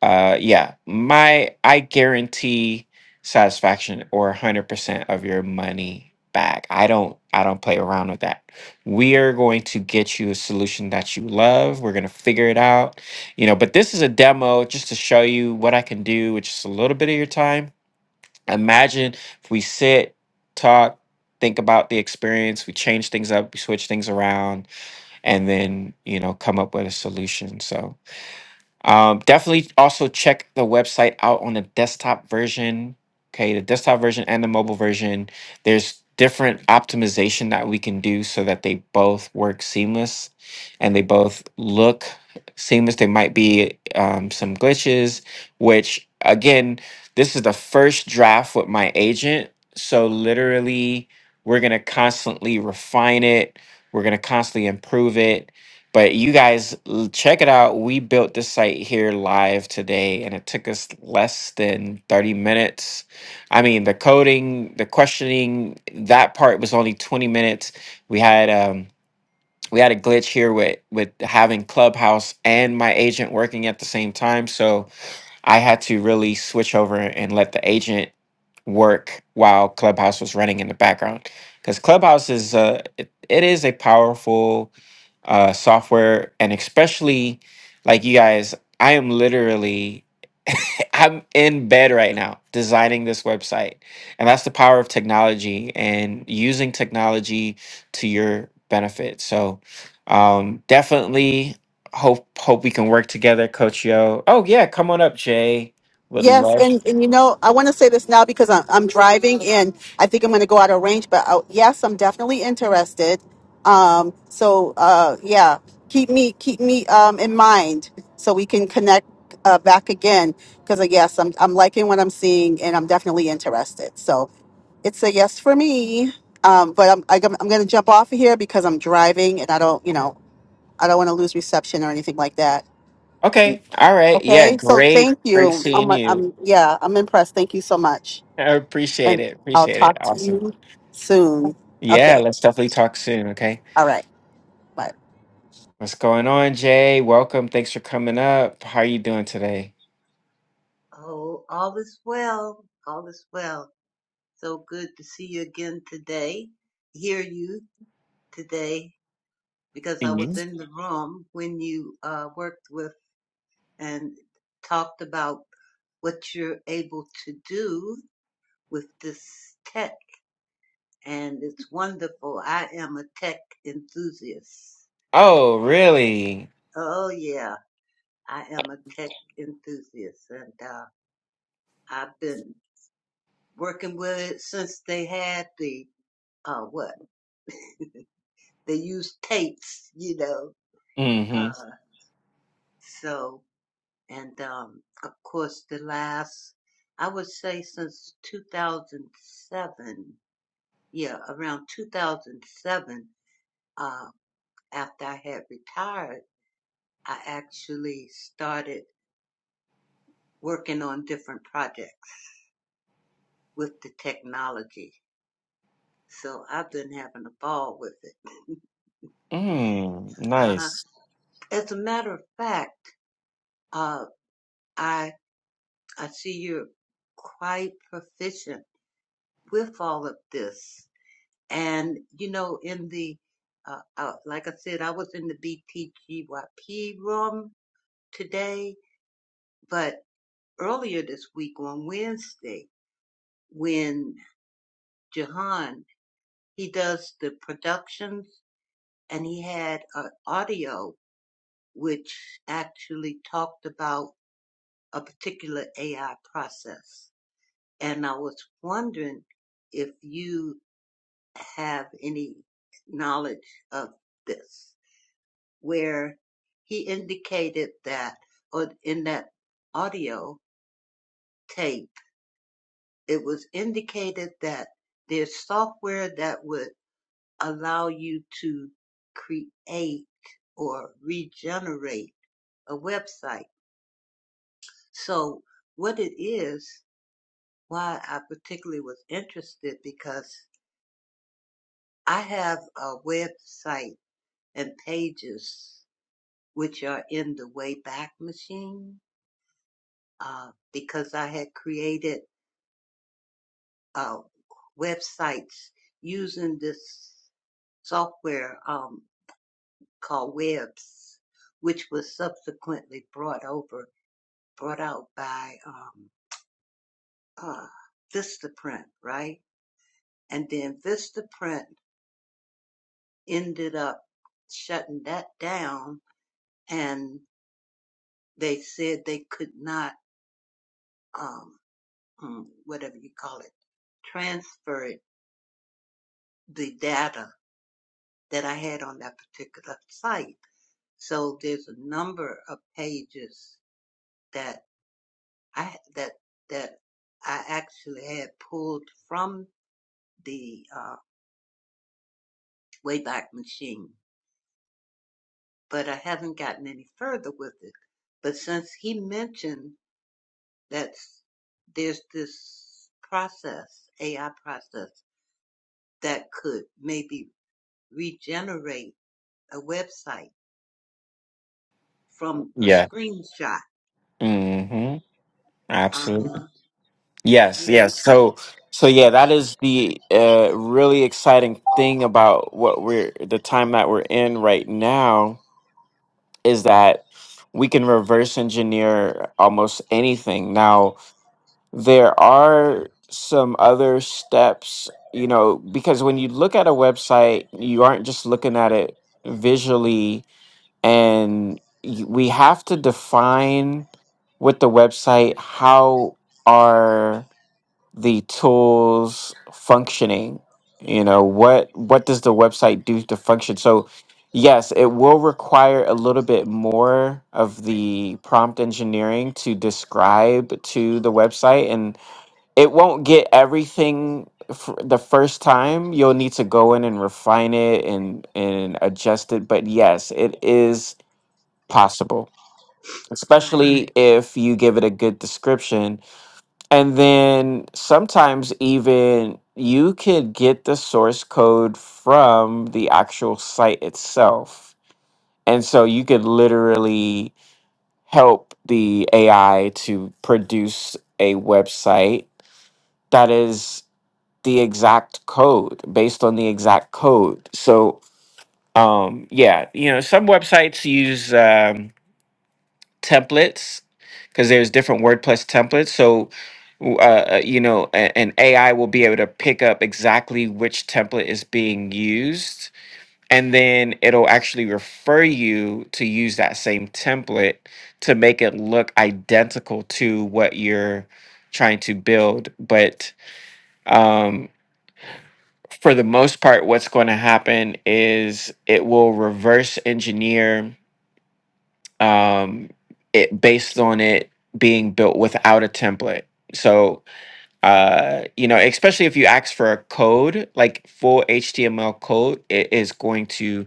uh, yeah, my, I guarantee satisfaction or 100% of your money back. I don't, I don't play around with that. We are going to get you a solution that you love. We're going to figure it out, you know, but this is a demo just to show you what I can do with just a little bit of your time Imagine if we sit, talk, think about the experience, we change things up, we switch things around, and then, you know, come up with a solution. So, um, definitely also check the website out on the desktop version. Okay, the desktop version and the mobile version. There's different optimization that we can do so that they both work seamless and they both look seamless. There might be um, some glitches, which again, this is the first draft with my agent. So literally, we're gonna constantly refine it. We're gonna constantly improve it but you guys l- check it out. We built this site here live today and it took us less than 30 minutes. I mean, the coding, the questioning, that part was only 20 minutes. We had um we had a glitch here with with having Clubhouse and my agent working at the same time, so I had to really switch over and let the agent work while Clubhouse was running in the background. Cuz Clubhouse is uh it, it is a powerful uh, software, and especially like you guys, I am literally I'm in bed right now designing this website. And that's the power of technology and using technology to your benefit. So um, definitely hope hope we can work together, Coach Yo. Oh yeah, come on up, Jay. Would
Yes,
love.
and, and you know, I want to say this now because I'm, I'm driving and I think I'm going to go out of range, but I, yes, I'm definitely interested. Um, so, uh, yeah, keep me, keep me, um, in mind so we can connect, uh, back again. Cause uh, yes, I'm, I'm liking what I'm seeing and I'm definitely interested. So it's a yes for me. Um, but I'm, I, I'm going to jump off of here because I'm driving and I don't, you know, I don't want to lose reception or anything like that.
Okay. All right. Yeah,
Okay, so
great.
thank
Great
you.
seeing
I'm,
you.
I'm, yeah, I'm impressed. Thank you so much.
I appreciate
And
it.
I'll
Appreciate it.
talk to
Awesome.
you soon.
Yeah,
Okay,
let's definitely talk soon. Okay.
all right. Bye.
What's going on, Jay? Welcome. Thanks for coming up. How are you doing today?
Oh, all is well. All is well. So good to see you again today, hear you today, because I was
Mhm.
in the room when you uh, worked with and talked about what you're able to do with this tech. And it's wonderful. I am a tech enthusiast.
Oh, really?
Oh, yeah. I am a tech enthusiast. And uh, I've been working with it since they had the, uh, what? They use tapes, you know.
Mm-hmm.
Uh, so, and um, of course, the last, I would say since 2007, yeah, around 2007, uh, after I had retired, I actually started working on different projects with the technology. So I've been having a ball with it.
Mm,
uh-huh.
nice.
As a matter of fact, uh, I I see you're quite proficient with all of this. And, you know, in the, uh, uh, like I said, I was in the BTGYP room today, but earlier this week on Wednesday, when Jahan, he does the productions and he had an audio which actually talked about a particular AI process. And I was wondering if you have any knowledge of this. where he indicated that, or in that audio tape, it was indicated that there's software that would allow you to create or regenerate a website. So what it is, why I particularly was interested because I have a website and pages which are in the Wayback Machine uh, because I had created uh, websites using this software um, called Webs, which was subsequently brought over, brought out by um, uh, Vistaprint, right? And then Vistaprint ended up shutting that down, and they said they could not, um, mm, whatever you call it, transfer it, the data that I had on that particular site. So there's a number of pages that I that that I actually had pulled from the uh, Wayback Machine, but I haven't gotten any further with it. But since he mentioned that there's this process, AI process, that could maybe regenerate a website from a
Yeah.
screenshot.
Mm-hmm.
Uh
Absolutely.
huh.
Yes,
Yeah.
yes. So so yeah, that is the uh really exciting thing about what we're the time that we're in right now is that we can reverse engineer almost anything. Now, There are some other steps, you know, because when you look at a website, you aren't just looking at it visually, and y- we have to define with the website how are the tools functioning? You know, what what does the website do to function? So, yes, it will require a little bit more of the prompt engineering to describe to the website and it won't get everything f- the first time. You'll need to go in and refine it and and adjust it. But yes, it is possible,
Right.
especially if you give it a good description. And then sometimes even you could get the source code from the actual site itself. And so you could literally help the AI to produce a website that is the exact code based on the exact code. So, um, yeah, you know, some websites use um, templates because there's different WordPress templates. So, w- uh, uh, you know, a- an AI will be able to pick up exactly which template is being used, and then it'll actually refer you to use that same template to make it look identical to what you're trying to build. But um, for the most part, what's going to happen is it will reverse engineer um, it based on it being built without a template. So, uh, you know, especially if you ask for a code, like full HTML code, it is going to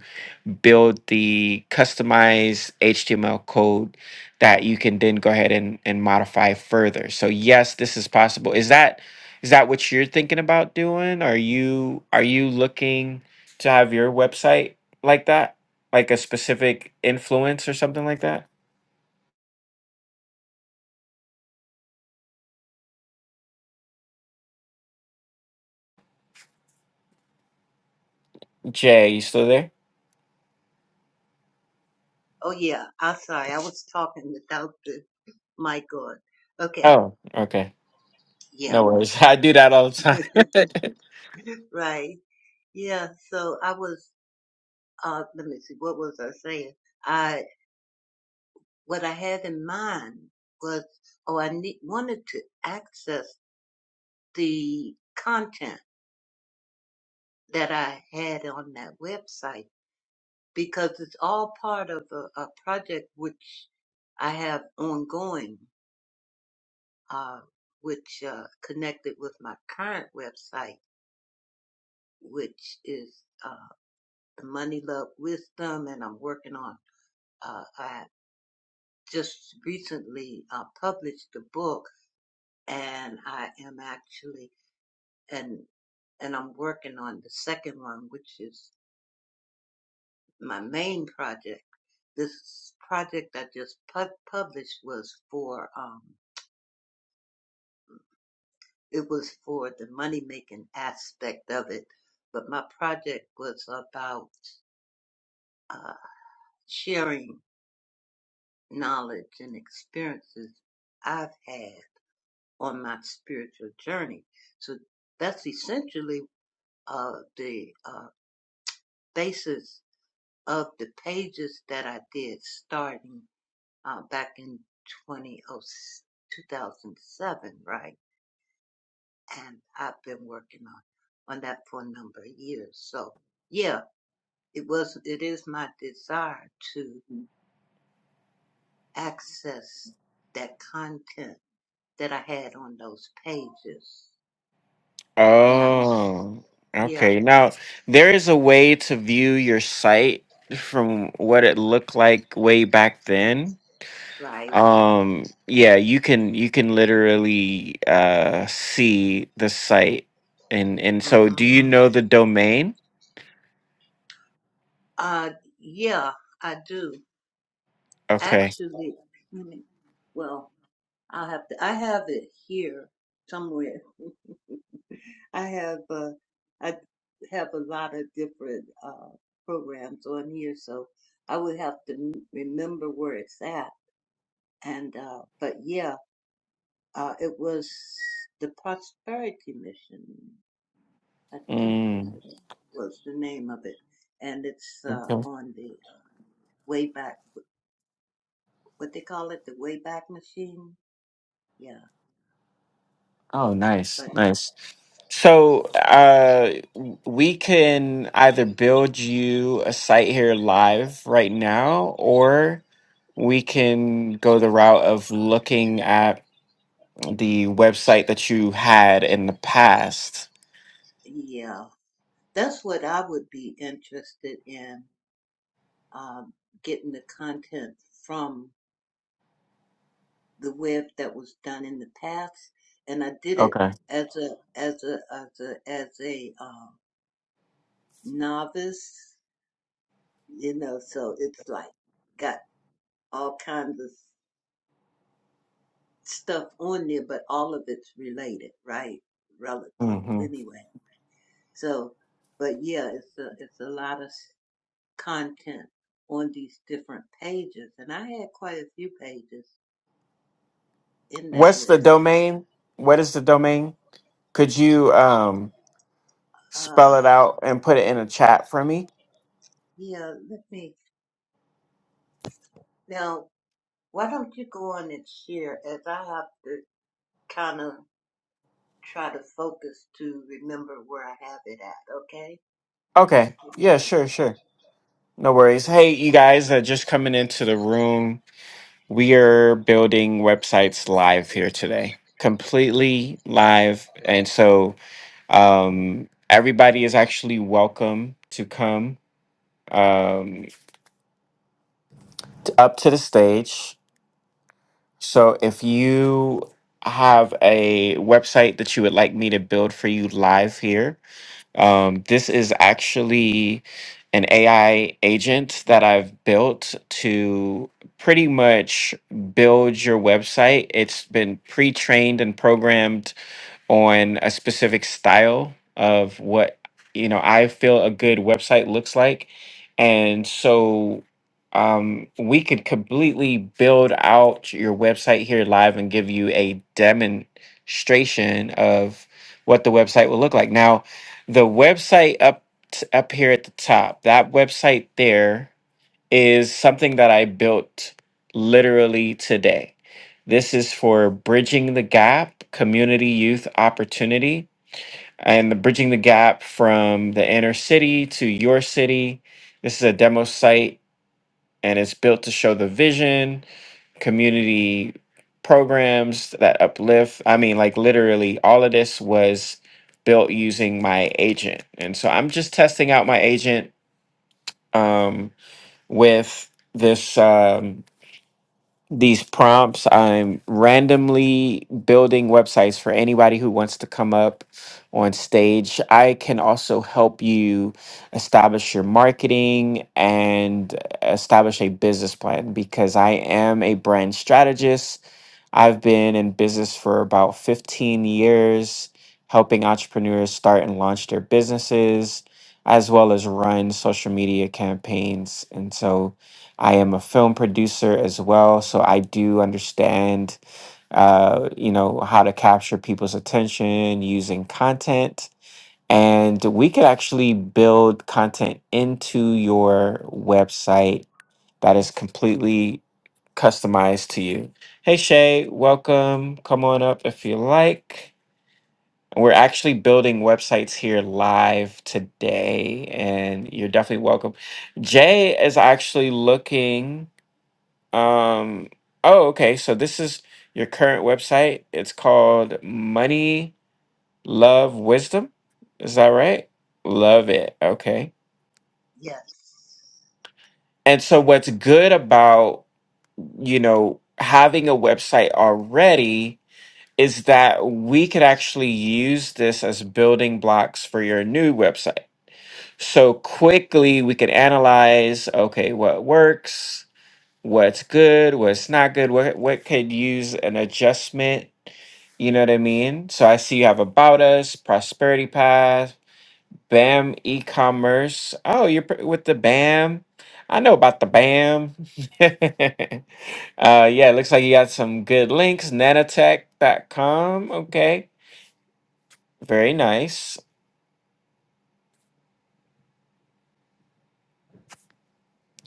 build the customized HTML code that you can then go ahead and, and modify further. So yes, this is possible. Is that is that what you're thinking about doing? Are you are you looking to have your website like that? Like a specific influence or something like that? Jay, you still there?
Oh yeah. I'm sorry. I was talking without the My God. Okay.
Oh, okay.
Yeah.
No worries. I do that all the time.
right. Yeah. So I was, uh, let me see. What was I saying? I, what I had in mind was, oh, I need, wanted to access the content that I had on that website because it's all part of a, a project which I have ongoing, uh, which, uh, connected with my current website, which is, uh, the Money Love Wisdom, and I'm working on. Uh, I just recently uh, published the book, and I am actually and and I'm working on the second one, which is my main project. This project I just pu- published was for um, it was for the money making aspect of it, but my project was about uh, sharing knowledge and experiences I've had on my spiritual journey. So that's essentially uh, the uh, basis of the pages that I did starting uh, back in 2007, right? And I've been working on, on that for a number of years. So yeah, it was, it is my desire to access that content that I had on those pages. So I'm not,
Oh,
yeah,
okay. Now, there is a way to view your site from what it looked like way back then.
right.
Um, yeah, you can you can literally uh see the site. And and so
hmm
do you know the domain?
Uh, yeah, I do.
Okay.
Actually, let me, well, I'll have to, I have it here somewhere. I have, uh, I have a lot of different, uh, programs on here, so I would have to m- remember where it's at. And, uh, but yeah, uh, it was the Prosperity Mission, I think was
Mm.
the, was the name of it. And it's, uh,
okay.
on the Wayback. what they call it, the Wayback Machine. Yeah,
Oh, nice.
but
Nice. So uh, we can either build you a site here live right now, or we can go the route of looking at the website that you had in the past.
yeah, that's what I would be interested in um, getting the content from the web that was done in the past, and I did it
Okay.
as a as a as a as a um, novice, you know. So it's like got all kinds of stuff on there, but all of it's related, right? Relative,
hmm
anyway. So, but yeah, it's a it's a lot of content on these different pages. And I had quite a few pages in that
What's the
website.
domain? What is the domain? Could you um, spell
Uh,
it out and put it in a chat for me?
yeah, let me, now, why don't you go on and share as I have to kind of try to focus to remember where I have it at, okay?
Okay. Yeah, sure, sure. No worries. Hey, you guys are just coming into the room. We are building websites live here today, completely live. And so um, everybody is actually welcome to come um, t- up to the stage. So if you have a website that you would like me to build for you live here, Um, this is actually an AI agent that I've built to pretty much build your website. It's been pre trained and programmed on a specific style of what you know I feel a good website looks like, and so um, we could completely build out your website here live and give you a demonstration of what the website will look like. Now, the website up t- up here at the top, that website there is something that I built literally today. This is for bridging the gap, community youth opportunity, and the bridging the gap from the inner city to your city. This is a demo site and it's built to show the vision, community programs that uplift. I mean, like literally all of this was built using my agent. And so I'm just testing out my agent um, with this. Um, these prompts. I'm randomly building websites for anybody who wants to come up on stage. I can also help you establish your marketing and establish a business plan because I am a brand strategist. I've been in business for about 15 years, helping entrepreneurs start and launch their businesses, as well as run social media campaigns. And so I am a film producer as well, so I do understand, uh, you know, how to capture people's attention using content. And we could actually build content into your website that is completely customized to you. Hey Shay, welcome. Come on up if you like. We're actually building websites here live today, and you're definitely welcome. Jay is actually looking um, oh, okay. So this is your current website. It's called Money Love Wisdom. Is that right? Love it. Okay.
Yes.
And so what's good about, you know, having a website already is that we could actually use this as building blocks for your new website. So quickly we could analyze, okay, what works, what's good, what's not good, what what could use an adjustment. You know what I mean? So I see you have about us, prosperity path, BAM e-commerce. Oh, you're pr- with the BAM. I know about the BAM. uh, yeah, it looks like you got some good links. Nanotech dot com. Okay, very nice.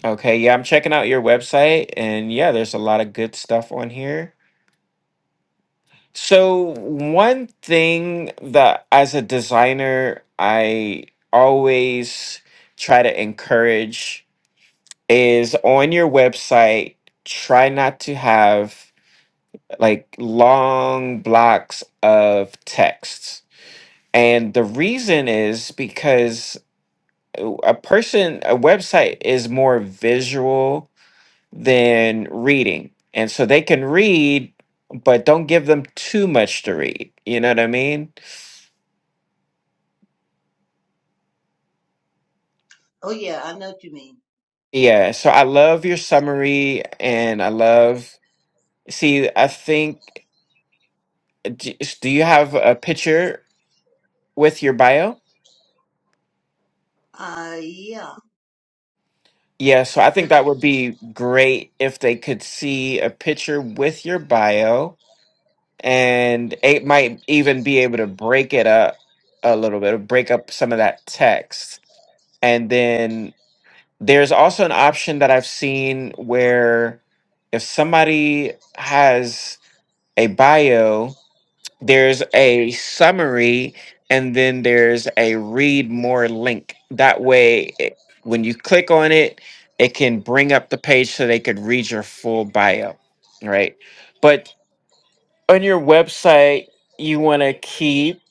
Okay, yeah, I'm checking out your website, and yeah, there's a lot of good stuff on here So one thing that as a designer I always try to encourage is on your website try not to have like long blocks of texts. And the reason is because uh, a person a website is more visual than reading. And so they can read but don't give them too much to read. You know what I mean?
Oh yeah, I know what you mean.
Yeah, so I love your summary and I love see I think d- do you have a picture with your bio?
Uh yeah.
Yeah, so I think
It's
that would be great if they could see a picture with your bio and it might even be able to break it up a little bit, or break up some of that text. And then there's also an option that I've seen where if somebody has a bio there's a summary and then there's a read more link that way it, when you click on it it can bring up the page so they could read your full bio right but on your website you want to keep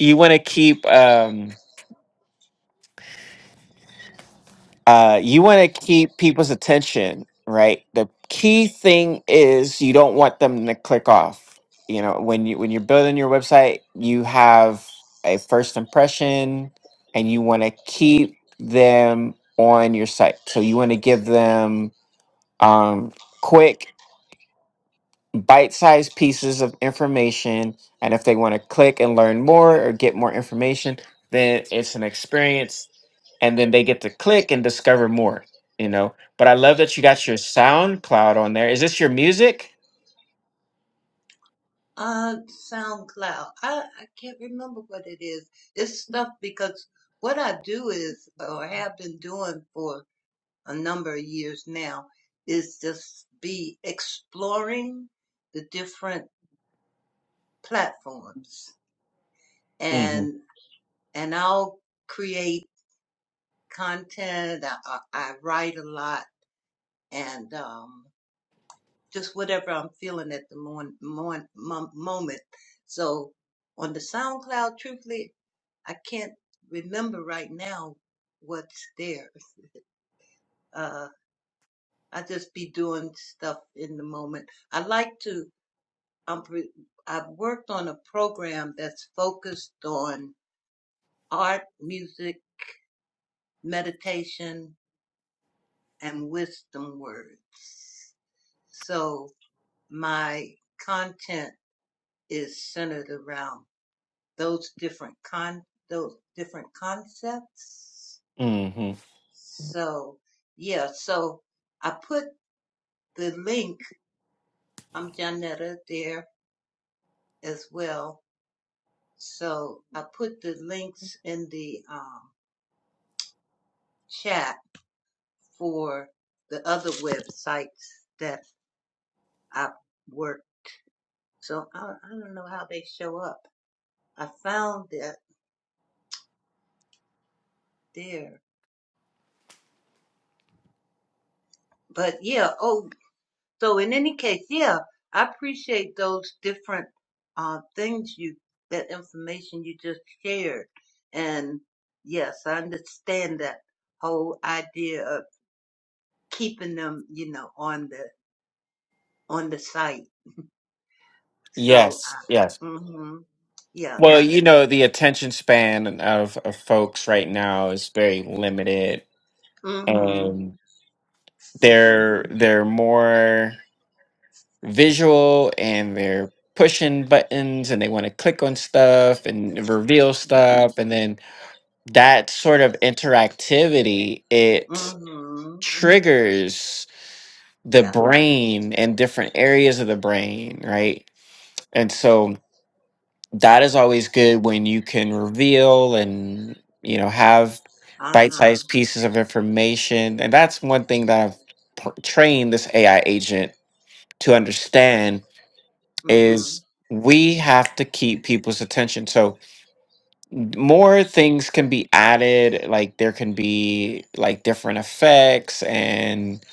you want to keep um, uh, you want to keep people's attention, right? The key thing is you don't want them to click off. You know, when you when you're building your website, you have a first impression, and you want to keep them on your site. So you want to give them um, quick bite-sized pieces of information and if they want to click and learn more or get more information then it's an experience and then they get to click and discover more you know but i love that you got your soundcloud on there is this your music
uh SoundCloud. I I can't remember what it is. It's stuff because what I do is or have been doing for a number of years now is just be exploring the different platforms
hmm
and and I'll create content I, I, I write a lot and um just whatever I'm feeling at the mon, mon, mom- moment so on the SoundCloud truthfully I can't remember right now what's there uh I just be doing stuff in the moment I like to I'm pre- I've worked on a program that's focused on art, music, meditation, and wisdom words. So my content is centered around those different con those different concepts.
hmm
So yeah, so I put the link. I'm Janetta there as well. So I put the links in the um, chat for the other websites that I work. So I, I don't know how they show up. I found that there. But yeah, oh, so in any case, yeah, I appreciate those different uh, things you, that information you just shared. And yes, I understand that whole idea of keeping them, you know, on the, on the site. So,
yes yes
I, hmm yeah,
well
that's,
you know the attention span of, of folks right now is very limited
mm mm
and
hmm hmm
they're they're more visual and they're pushing buttons and they want to click on stuff and reveal stuff and then that sort of interactivity it
Mm-hmm.
triggers the
Yeah.
brain and different areas of the brain right and so that is always good when you can reveal and you know have
Uh-huh.
bite-sized pieces of information and that's one thing that i've pr- trained this ai agent to understand
Mm-hmm.
is we have to keep people's attention. So more things can be added, like there can be like different effects and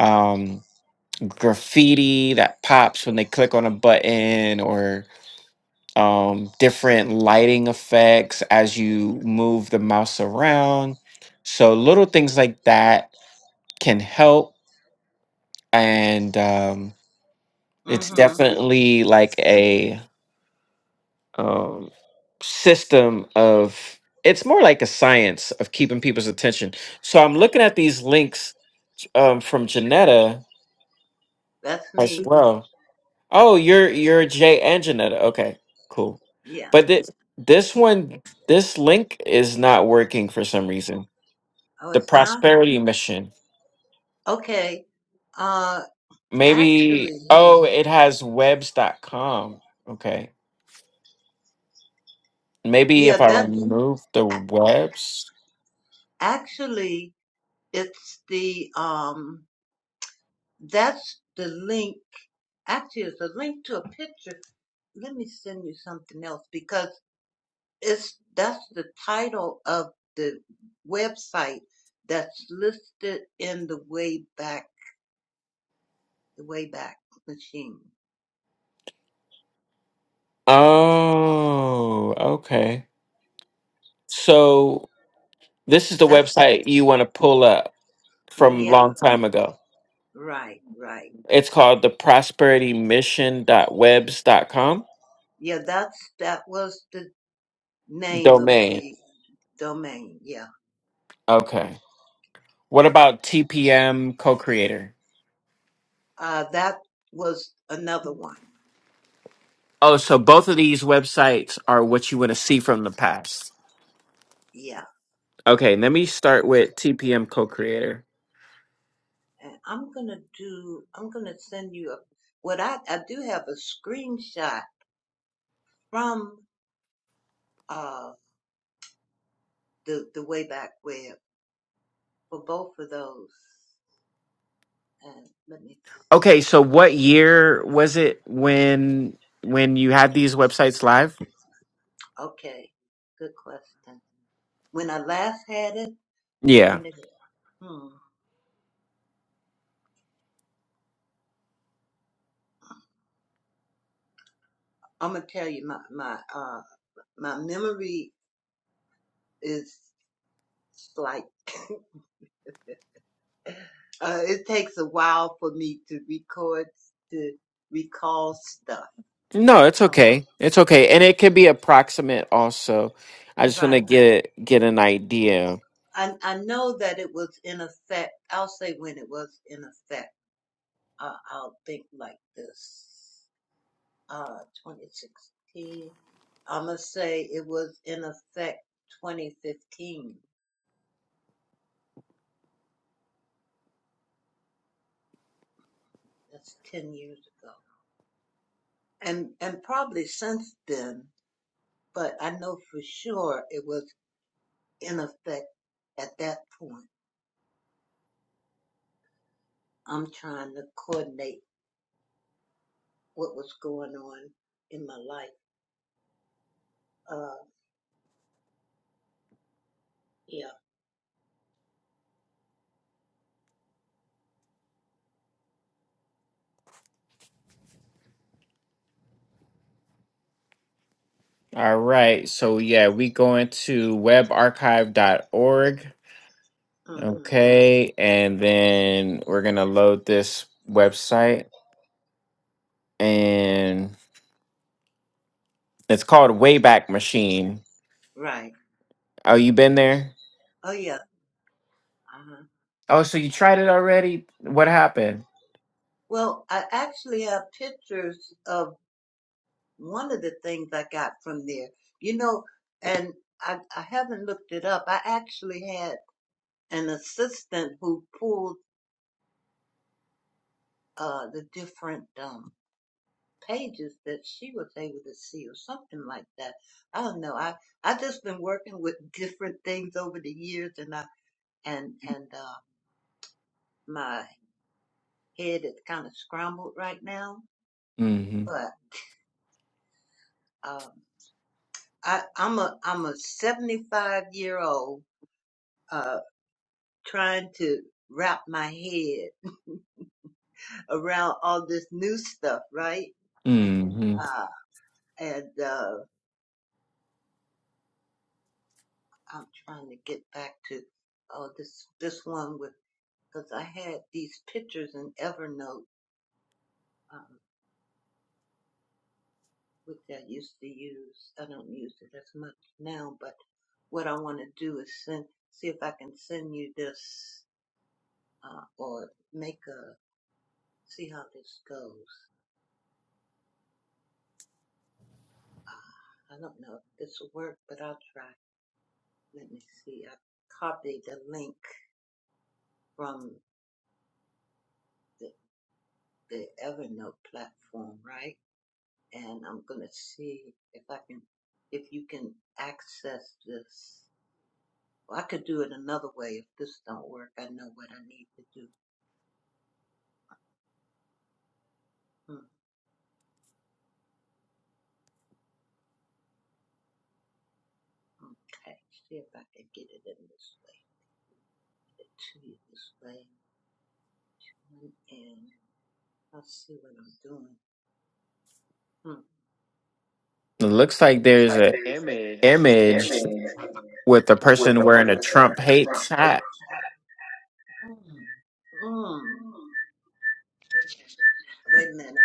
um graffiti that pops when they click on a button or um different lighting effects as you move the mouse around. So little things like that can help and um it's
Mm-hmm.
definitely like a um, system of it's more like a science of keeping people's attention. So I'm looking at these links um, from Janetta
That's
as
me.
well. Oh, you're you're Jay and Janetta. Okay, cool.
Yeah.
But this this one, this link is not working for some reason.
Oh,
The
it's not?
prosperity mission.
Okay. Uh,
Maybe
actually,
oh, it has webs dot com. Okay. Maybe if
yeah,
I
that's
remove the
a-
webs.
actually, it's the, um, that's the link. Actually, it's a link to a picture. Let me send you something else because it's, that's the title of the website that's listed in the Wayback, the Wayback Machine.
Oh, okay. So this is the
That's
website you want to pull up from
Yeah,
long time ago.
right, right.
It's called the prosperitymission.webs.com
Yeah, that's that was the name of
domain.
the domain. Yeah,
Okay. What about TPM co-creator?
uh, that was another one.
Oh, so both of these websites are what you want to see from the past.
Yeah,
Okay, let me start with TPM co-creator.
and I'm gonna do. I'm gonna send you a. What I I do have a screenshot from uh the the Wayback Web for both of those. And let me see.
Okay, so what year was it when when you
Hmm,
had these websites live?
Okay, good question. When I last had it,
Yeah.
when did it? Hmm. I'm gonna tell you my my. uh My memory is slight. Uh, it takes a while for me to record, to recall stuff.
No, it's
Um,
okay. It's okay. And it could be approximate also. I just want to
right.
get get an idea.
I, I know that it was in effect. I'll say when it was in effect. Uh, I'll think like this. Uh, 2016. I'm going to say it was in effect 2015. That's 10 years ago. And, and probably since then, but I know for sure it was in effect at that point. I'm trying to coordinate what was going on in my life. Uh, yeah.
All right. So yeah, we going to web archive dot org.
hmm
Okay. And then we're gonna load this website and it's called Wayback Machine.
Right.
Oh, you been there?
Oh, yeah. Uh-huh.
Oh, so you tried it already? What happened?
Well, I actually have pictures of one of the things I got from there. You know, and I, I haven't looked it up. I actually had an assistant who pulled uh, the different um, pages that she was able to see or something like that. I don't know. I I just been working with different things over the years and I and and uh my head is kind of scrambled right now,
hmm
but um I I'm a I'm a 75 year old uh trying to wrap my head around all this new stuff, right?
hmm
Uh and uh I'm trying to get back to oh this this one with. because I had these pictures in Evernote, um, which I used to use. I don't use it as much now, but what I want to do is send, see if I can send you this, uh, or make a, see how this goes. Uh, I don't know if this will work, but I'll try. Let me see. I copied the link from the, the Evernote platform, right? And I'm going to see if I can, if you can access this Well, I could do it another way if this don't work. I know what I need to do. Mm, Okay, see if I can get it in this way, get it to you this way, Mm, and I'll see what I'm doing. Mm.
It looks like
Let's
there's
type
a
this
Amen.
image
image
with a
with
person
the
wearing
person
a
wearing
Trump
the Trump
hates hat.
hat. Mm. Wait a minute.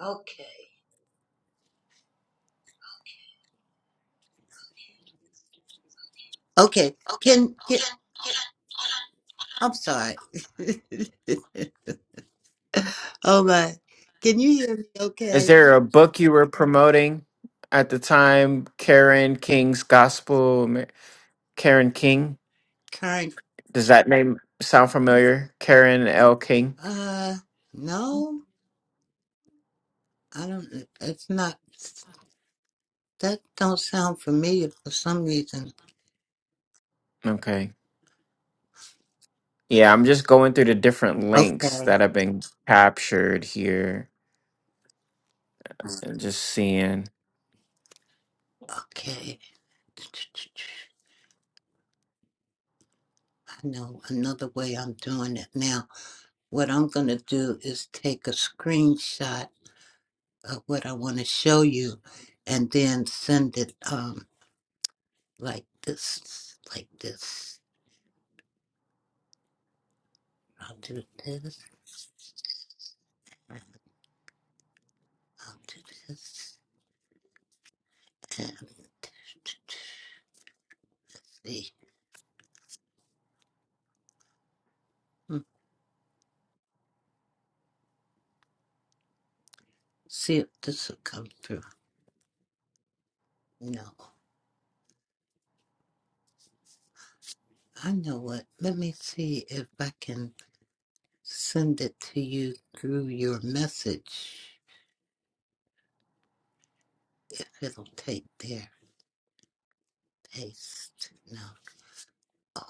Okay.
Okay. Can, can I'm sorry. oh my. Can you hear me
Is
okay?
there a book you were promoting at the time? Karen King's Gospel. Ma- Karen King.
Kind
Does that name sound familiar? Karen L. King.
uh no. I don't it's not that don't sound familiar for some reason.
Okay. Yeah, I'm just going through the different links
Okay.
that have been captured here and just seeing.
Okay. I know another way I'm doing it now. What I'm gonna do is take a screenshot of what I wanna show you and then send it Um. like this, like this. I'll do this, and I'll do this, and see. Hmm, See if this will come through. No, I know what. Let me see if I can send it to you through your message. If it'll take there, paste. No, oh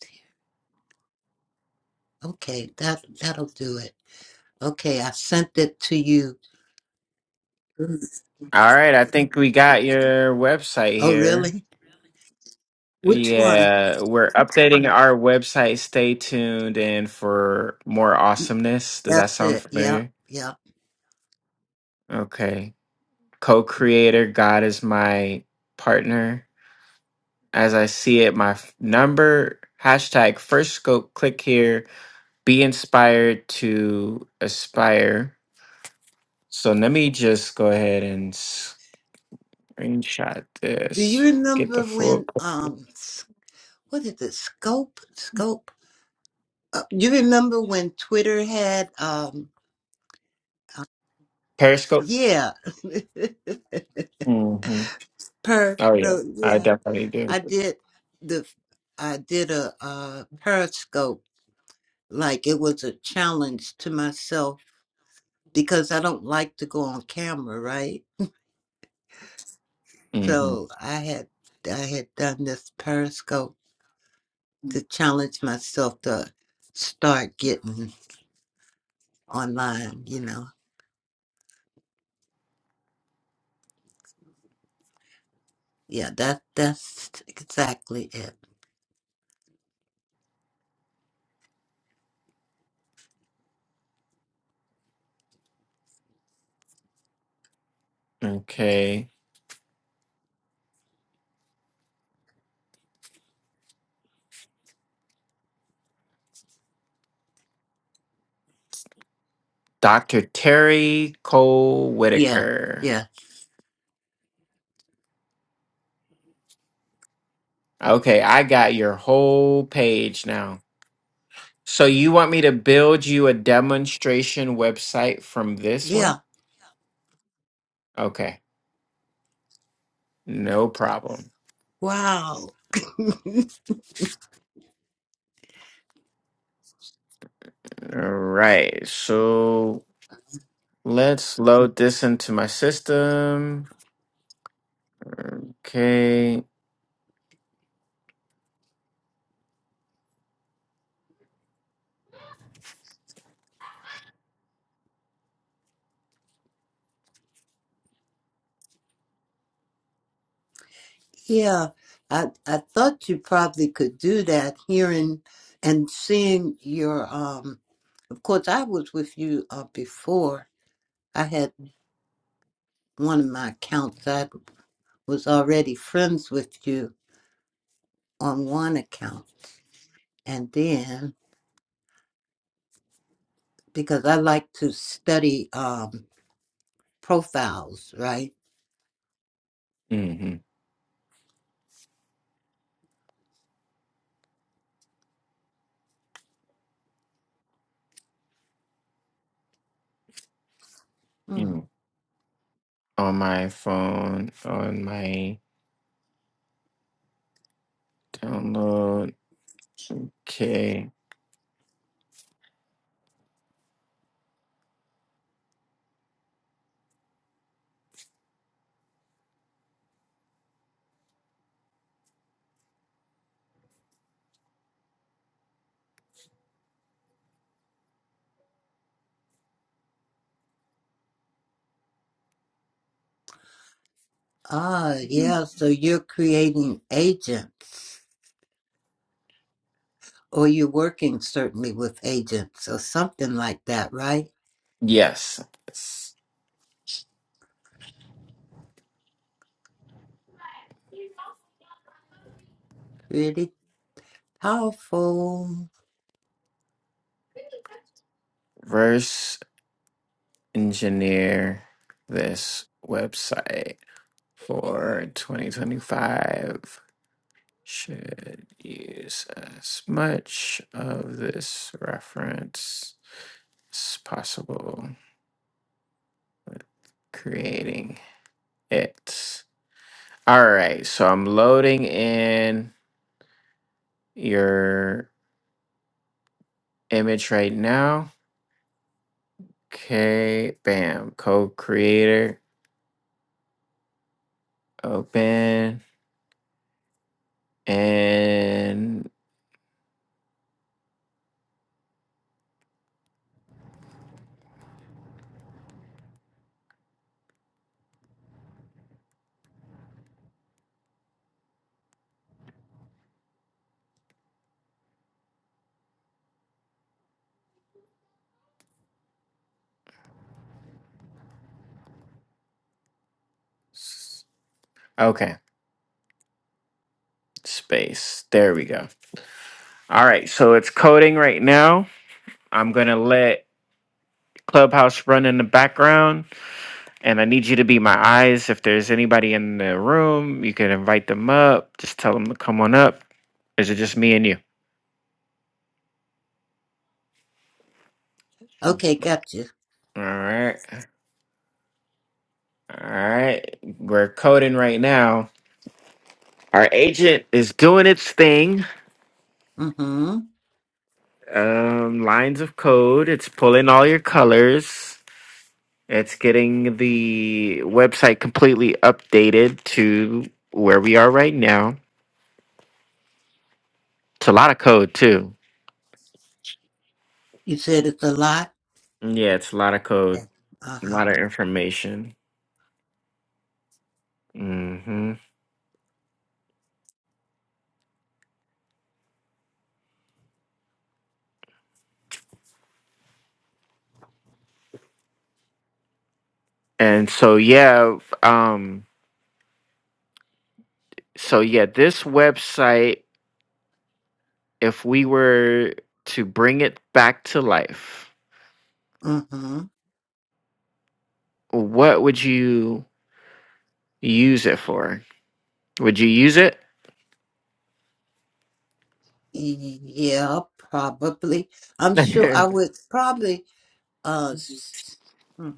dear. Okay, that that'll do it. Okay, I sent it to you. Mm.
All right, I think we got your website
Oh,
here.
really? Which one?
Yeah, we're updating our website. Stay tuned in for more awesomeness. Does that
That's
sound
it. Yep.
familiar?
Yep.
Okay. co-creator god is my partner as i see it my f- number hashtag first scope click here be inspired to aspire so let me just go ahead and screenshot
Do you
this get the
remember
full
when um s- what is it? Scope? Scope? Uh, you remember when Twitter had um uh,
periscope
yeah.
hmm
per
oh yeah
so
i
yeah.
definitely do
I did the I did a uh periscope like it was a challenge to myself because I don't like to go on camera, right?
hmm
So I had I had done this periscope to challenge myself to start getting. online, you know. Yeah, that that's exactly it.
okay dr terry cole
Yeah,
whitaker
yeah,
okay i got your whole page now So you want me to build you a demonstration website from this
yeah.
one? Okay, no problem.
Wow.
All right, so let's load this into my system. Okay,
Yeah. I I thought you probably could do that hearing and seeing your um of course I was with you uh, before. I had one of my accounts. I was already friends with you on one account. And then because I like to study um profiles, right?
hmm on my phone, on my download. Okay,
Ah, yeah. So you're creating agents, or you're working certainly with agents, or something like that, right?
yes, Let's
Pretty powerful.
reverse engineer this website for 2025. should use as much of this reference as possible with creating it. All right, so I'm loading in your image right now. Okay, bam, code creator, open, and s- okay, space. There we go. All right, so it's coding right now. I'm gonna let Clubhouse run in the background And I need you to be my eyes. If there's anybody in the room, you can invite them up. Just tell them to come on up. Is it just me and you?
Okay, got you.
All right. All right. We're coding right now. Our agent is doing its thing.
Mm-hmm.
Um, lines of code. It's pulling all your colors. It's getting the website completely updated to where we are right now. It's a lot of code, too.
You said it's a lot.
Yeah, it's a lot of
Yeah.
code, a
Uh-huh.
lot of information. hmm And so yeah, f- um, so yeah, this website, if we were to bring it back to life,
Mm-hmm.
what would you use it for? Would you use it?
Yeah, probably. I'm
mm-hmm.
sure I would probably. Uh, s- hmm,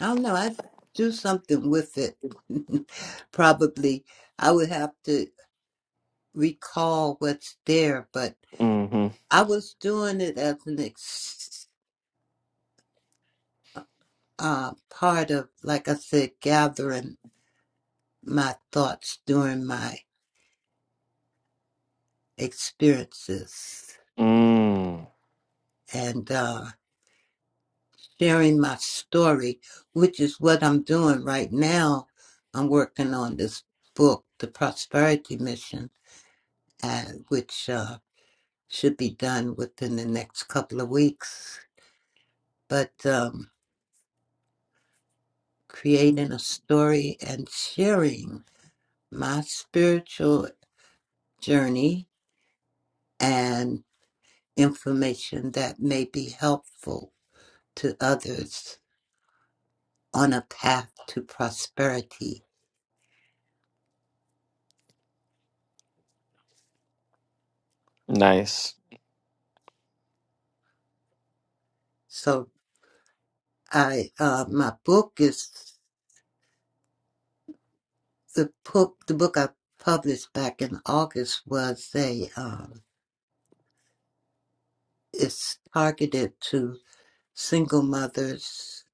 I don't know. I'd do something with it. probably. I would have to recall what's there, but. I was doing it as an ex- uh, part of, like I said, gathering my thoughts during my experiences
Mm.
and uh, sharing my story, which is what I'm doing right now. I'm working on this book, The Prosperity Mission, and which uh, should be done within the next couple of weeks. But um, creating a story and sharing my spiritual journey and information that may be helpful to others on a path to prosperity.
Nice.
So I uh, my book is the book the book I published back in August was a um, it's targeted to single mothers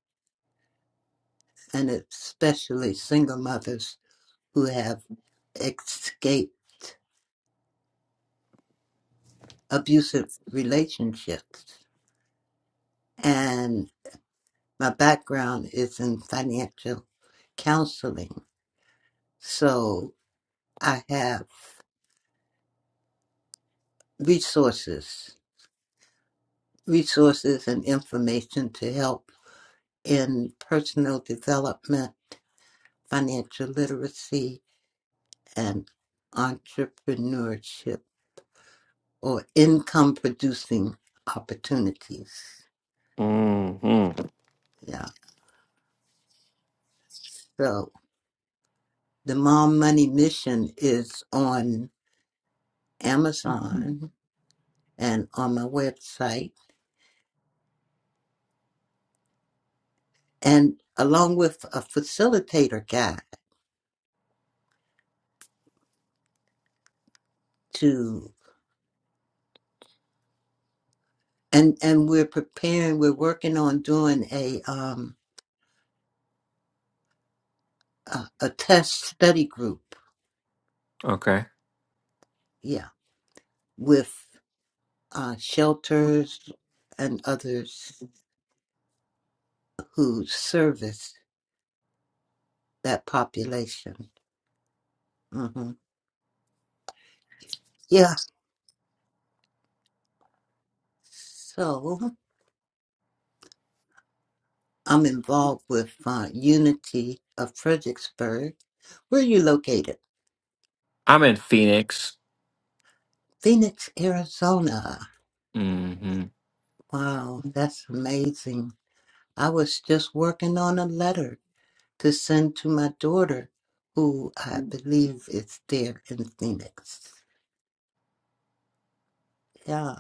and especially single mothers who have escaped abusive relationships and my background is in financial counseling. So I have resources, resources and information to help in personal development, financial literacy, and entrepreneurship or income producing opportunities.
hmm
Yeah. So the Mom Money Mission is on Amazon and on my website, and along with a facilitator guide. to and and we're preparing we're working on doing a um a, a test study group
Okay.
yeah with uh shelters and others who service that population hmm yeah so i'm involved with uh, unity of fredericksburg where are you located
I'm in Phoenix.
phoenix arizona
hmm
wow that's amazing i was just working on a letter to send to my daughter, who I believe is there in Phoenix. Yeah,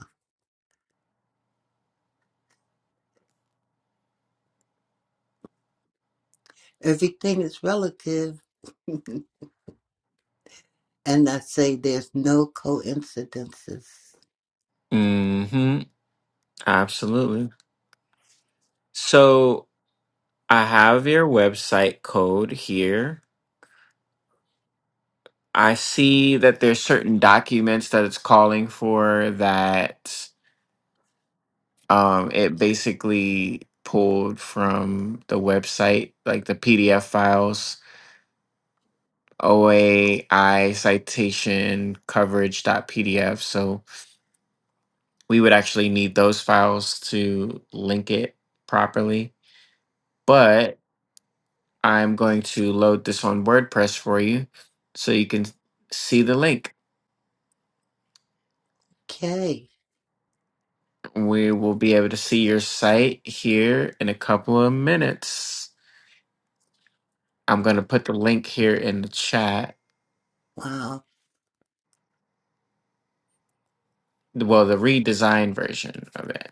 everything is relative. and I say there's no coincidences.
hmm Absolutely. So I have your website code here. I see that there's certain documents that it's calling for that um, it basically pulled from the website, like the PDF files, OAI citation coverage PDF. So we would actually need those files to link it properly. But I'm going to load this on WordPress for you so you can see the link.
Okay.
We will be able to see your site here in a couple of minutes. I'm going to put the link here in the chat.
Wow.
Well, the redesigned version of it.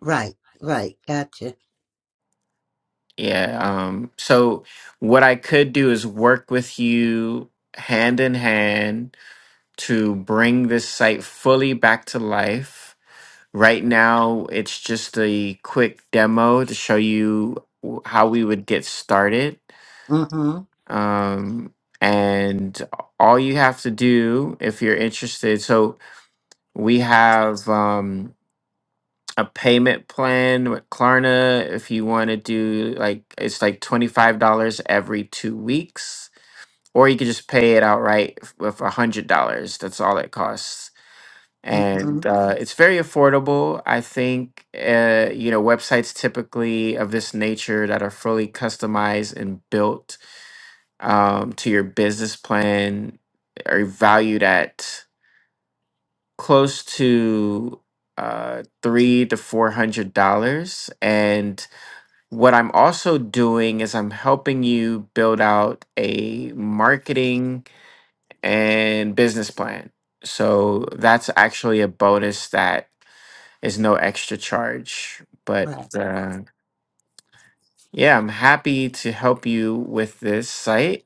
Right. Right. Gotcha.
Yeah. Um, so, what I could do is work with you hand in hand to bring this site fully back to life. Right now, it's just a quick demo to show you w- how we would get started
Mm-hmm.
um, and all you have to do if you're interested so we have um, a payment plan with klarna if you want to do like it's like $25 every two weeks or you could just pay it outright f- with $100 that's all it costs
Mm-hmm.
and uh, it's very affordable i think uh, you know websites typically of this nature that are fully customized and built um, to your business plan are valued at close to uh, three to four hundred dollars. And what I'm also doing is I'm helping you build out a marketing and business plan. So that's actually a bonus that is no extra charge. But
Right.
uh, yeah, I'm happy to help you with this site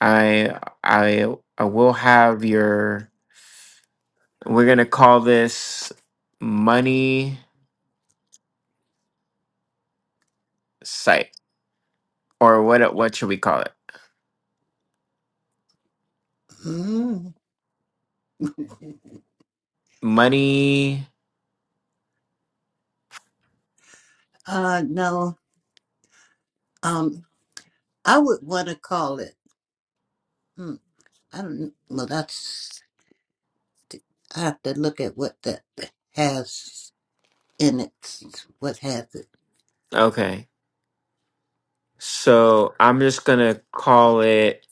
I I I will have your we're gonna call this money site or what what should we call it?
Mm.
Money
Uh, no. Um, I would want to call it. Hmm, I don't. Well, that's. I have to look at what that has in it. What has it?
okay. So I'm just gonna call it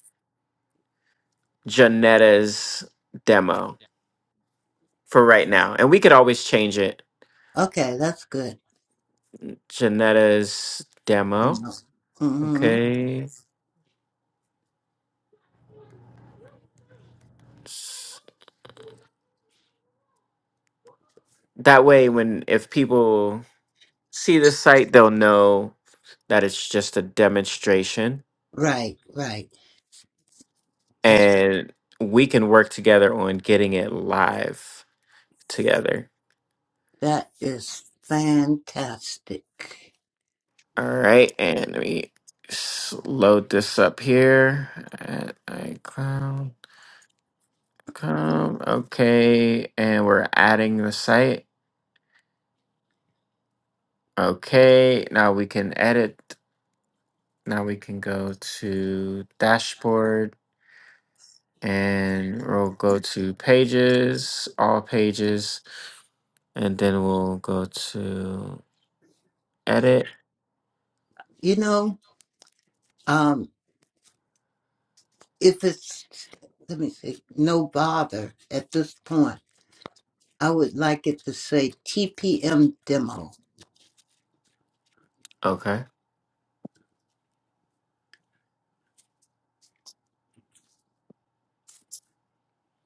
Janetta's demo for right now. And we could always change it.
Okay, that's good.
Janetta's demo.
Mm-hmm.
Okay. S- That way when if people see the site they'll know that it's just a demonstration
Right, right. That's
and we can work together on getting it live together.
that is fantastic.
All right, and let me s- load this up here at iCloud.com. Okay, and we're adding the site. Okay, now we can edit. Now we can go to dashboard and we'll go to pages, all pages, and then we'll go to edit.
You know, um, if it's let me see, no bother at this point, I would like it to say TPM demo.
Okay,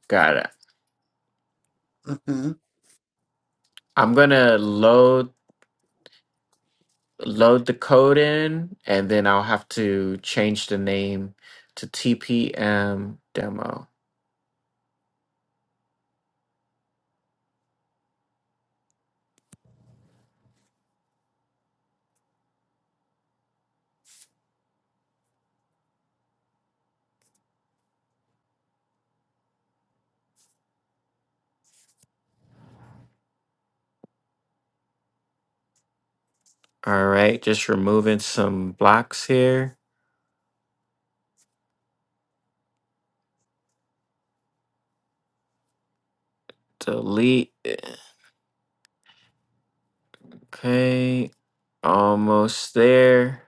got it.
hmm
I'm gonna load load the code in, and then I'll have to change the name to TPM demo. All right, just removing some blocks here. Delete. Okay, almost there.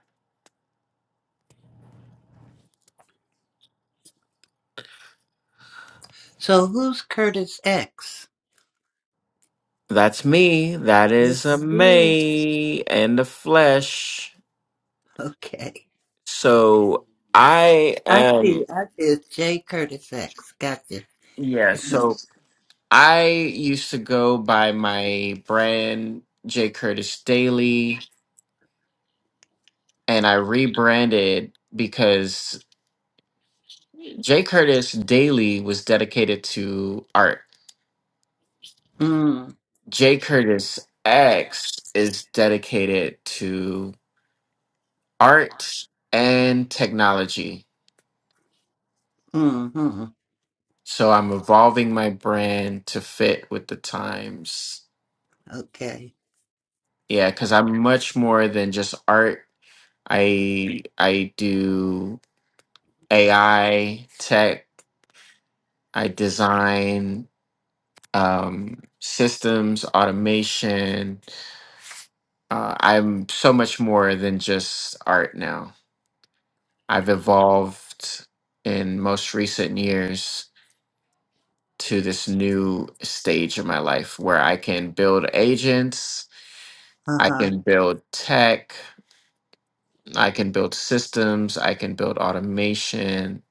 So who's Curtis X?
That's me. That is a
This is
May and the flesh.
okay.
So I
I
am.
see. I see. It's J Curtis X. Gotcha.
Yeah. So. I used to go by my brand J Curtis Daily, and I rebranded because J Curtis Daily was dedicated to art.
mm,
J Curtis X is dedicated to art and technology.
mm-hmm.
So I'm evolving my brand to fit with the times.
Okay.
Yeah, because I'm much more than just art. I I do AI tech I design um, systems, automation. Uh, I'm so much more than just art now. I've evolved in most recent years to this new stage of my life where I can build agents, I
Uh
can build tech, I can build systems, I can build automation.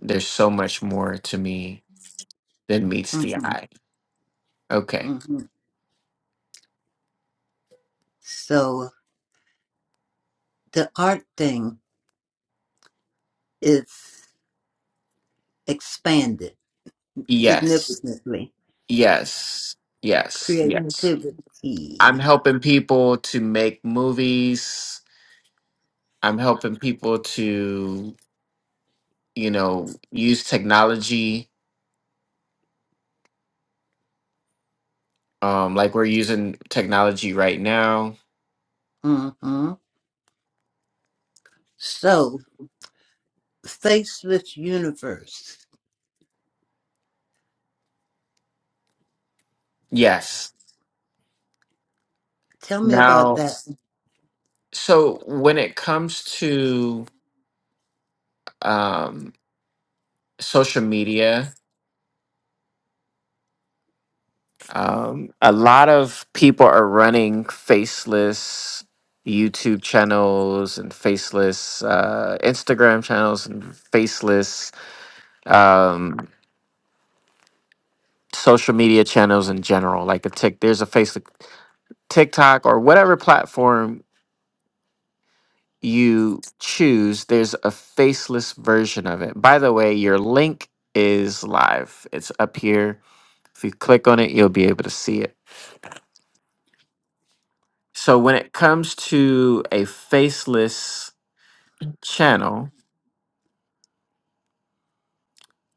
There's so much more to me than meets
huh.
the eye. Okay.
hmm So the art thing is expanded
Yes.
significantly.
Yes, yes, Mm. yes.
Creativity.
I'm helping people to make movies. I'm helping people to, you know, use technology. Um, like we're using technology right now.
hmm So faceless universe.
Yes.
Tell me about
Now,
that.
so when it comes to um, social media, Um, a lot of people are running faceless YouTube channels and faceless uh, Instagram channels and faceless um, social media channels in general. Like a tick, there's a faceless TikTok or whatever platform you choose. There's a faceless version of it. By the way, your link is live. It's up here. If you click on it, you'll be able to see it. So when it comes to a faceless channel,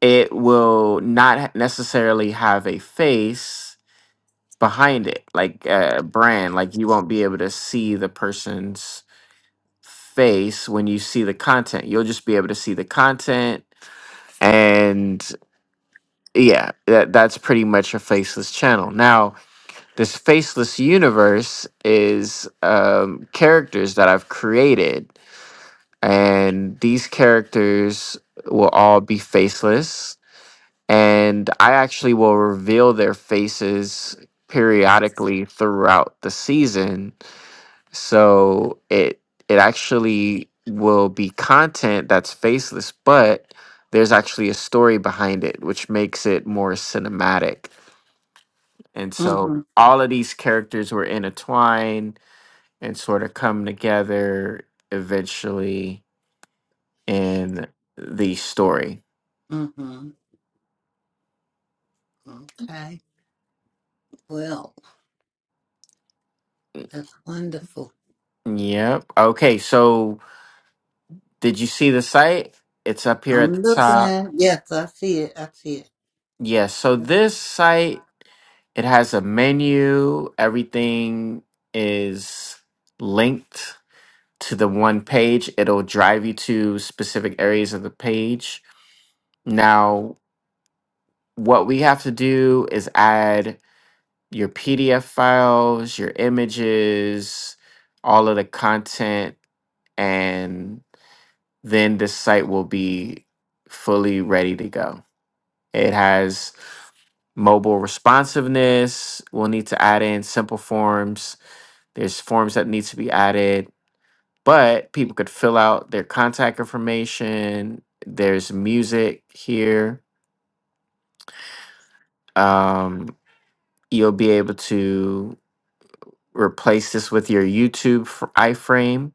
it will not ha- necessarily have a face behind it, like a brand. Like you won't be able to see the person's face when you see the content. You'll just be able to see the content, and yeah, that that's pretty much a faceless channel. Now, this faceless universe is um, characters that I've created, and these characters will all be faceless and I actually will reveal their faces periodically throughout the season. So it it actually will be content that's faceless, but there's actually a story behind it, which makes it more cinematic. And so
hmm
all of these characters were intertwined and sort of come together eventually in the story.
hmm Okay. Well, that's wonderful.
Yep. Okay. So Did you see the site? It's up here at the
I'm
top.
looking. Yes, I see it. I see it.
Yes. so
Yep.
this site, it has a menu. Everything is linked to the one page. It'll drive you to specific areas of the page. Now, what we have to do is add your PDF files, your images, all of the content, and then this site will be fully ready to go. It has mobile responsiveness. We'll need to add in simple forms. There's forms that need to be added, but people could fill out their contact information. There's music here. Um, you'll be able to replace this with your YouTube f- iframe.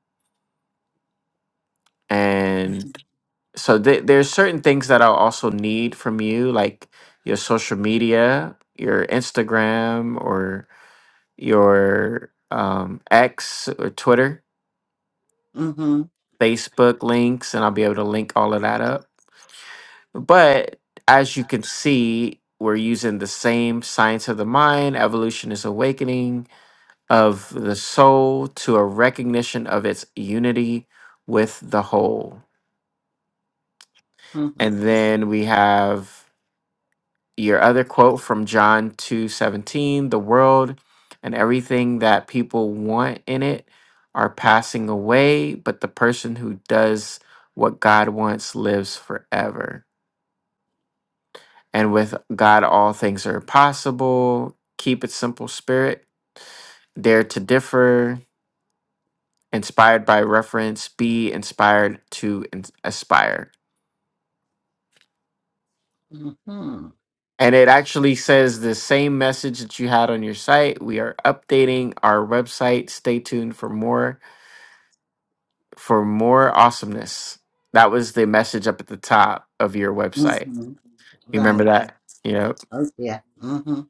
And so th- there's certain things that I'll also need from you, like your social media, your Instagram, or your um, X or Twitter,
Mm-hmm.
Facebook links, and I'll be able to link all of that up. But as you can see, we're using the same science of the mind, evolution is awakening of the soul to a recognition of its unity with the whole.
Mm-hmm.
And then we have your other quote from John 2:17, the world and everything that people want in it are passing away, but the person who does what God wants lives forever. And with God all things are possible. Keep it simple, spirit. Dare to differ, inspired by reference, be inspired to ins- aspire.
Mm-hmm.
And it actually says the same message that you had on your site. We are updating our website. Stay tuned for more for more awesomeness. That was the message up at the top of your website.
Mm-hmm.
You remember
Right.
that? You know.
Oh yeah. Mm-hmm.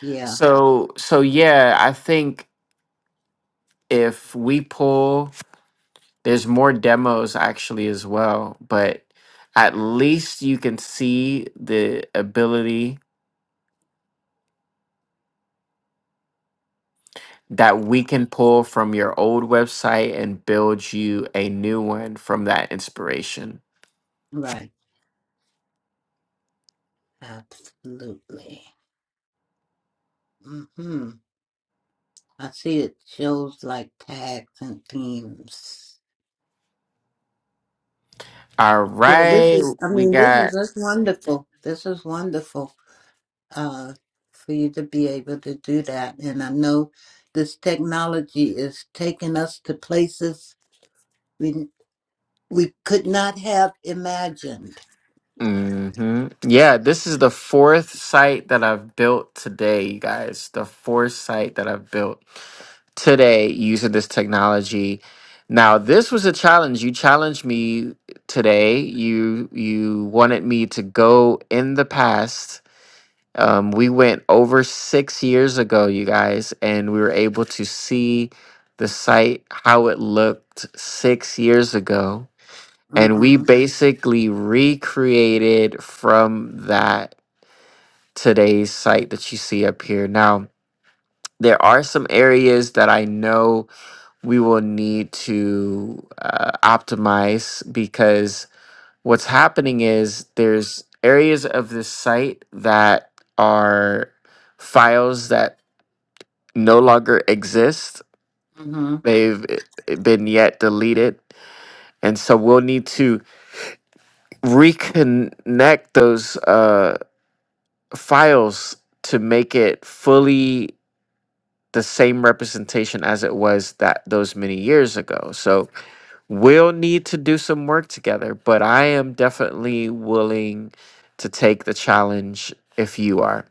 Yeah.
So so yeah, I think if we pull there's more demos actually as well, but at least you can see the ability that we can pull from your old website and build you a new one from that inspiration.
Right. Absolutely. hmm I see it shows like tags and themes.
All
Yeah, this
right,
is, I
we
mean, this is
got.
that's wonderful. This is wonderful uh, for you to be able to do that. And I know this technology is taking us to places we we could not have imagined.
hmm Yeah, this is the fourth site that I've built today, you guys. The fourth site that I've built today using this technology. Now, this was a challenge. You challenged me today. You you wanted me to go in the past Um, we went over six years ago, you guys, and we were able to see the site how it looked six years ago. And we
Mm-hmm.
basically recreated from that today's site that you see up here. Now, there are some areas that I know we will need to uh, optimize because what's happening is there's areas of this site that are files that no longer exist.
Mm-hmm.
They've eh, eh, been yet deleted. And so we'll need to reconnect those uh, files to make it fully the same representation as it was that those many years ago. So we'll need to do some work together, but I am definitely willing to take the challenge if you are.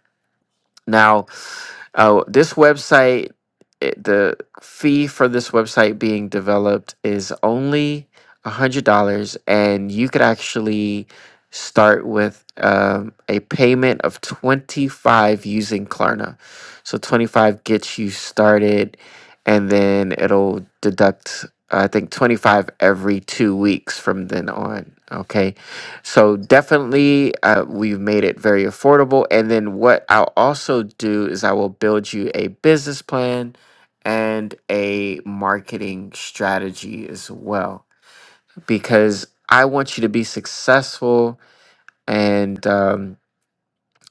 Now, Uh, this website, it, the fee for this website being developed is only $100, and you could actually start with um, a payment of 25 using Klarna. So 25 gets you started, and then it'll deduct, I think, 25 every two weeks from then on. Okay. So definitely, uh, we've made it very affordable. And then what I'll also do is I will build you a business plan and a marketing strategy as well, because I want you to be successful. And um,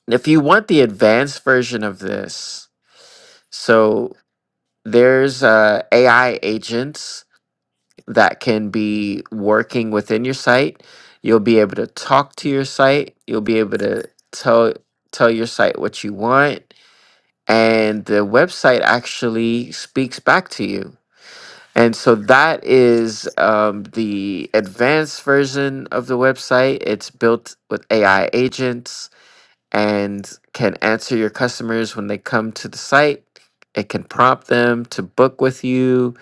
if you want the advanced version of this, so there's uh, AI agents that can be working within your site. You'll be able to talk to your site. You'll be able to tell tell your site what you want and the website actually speaks back to you. And so that is um, the advanced version of the website. It's built with AI agents and can answer your customers when they come to the site. It can prompt them to book with you.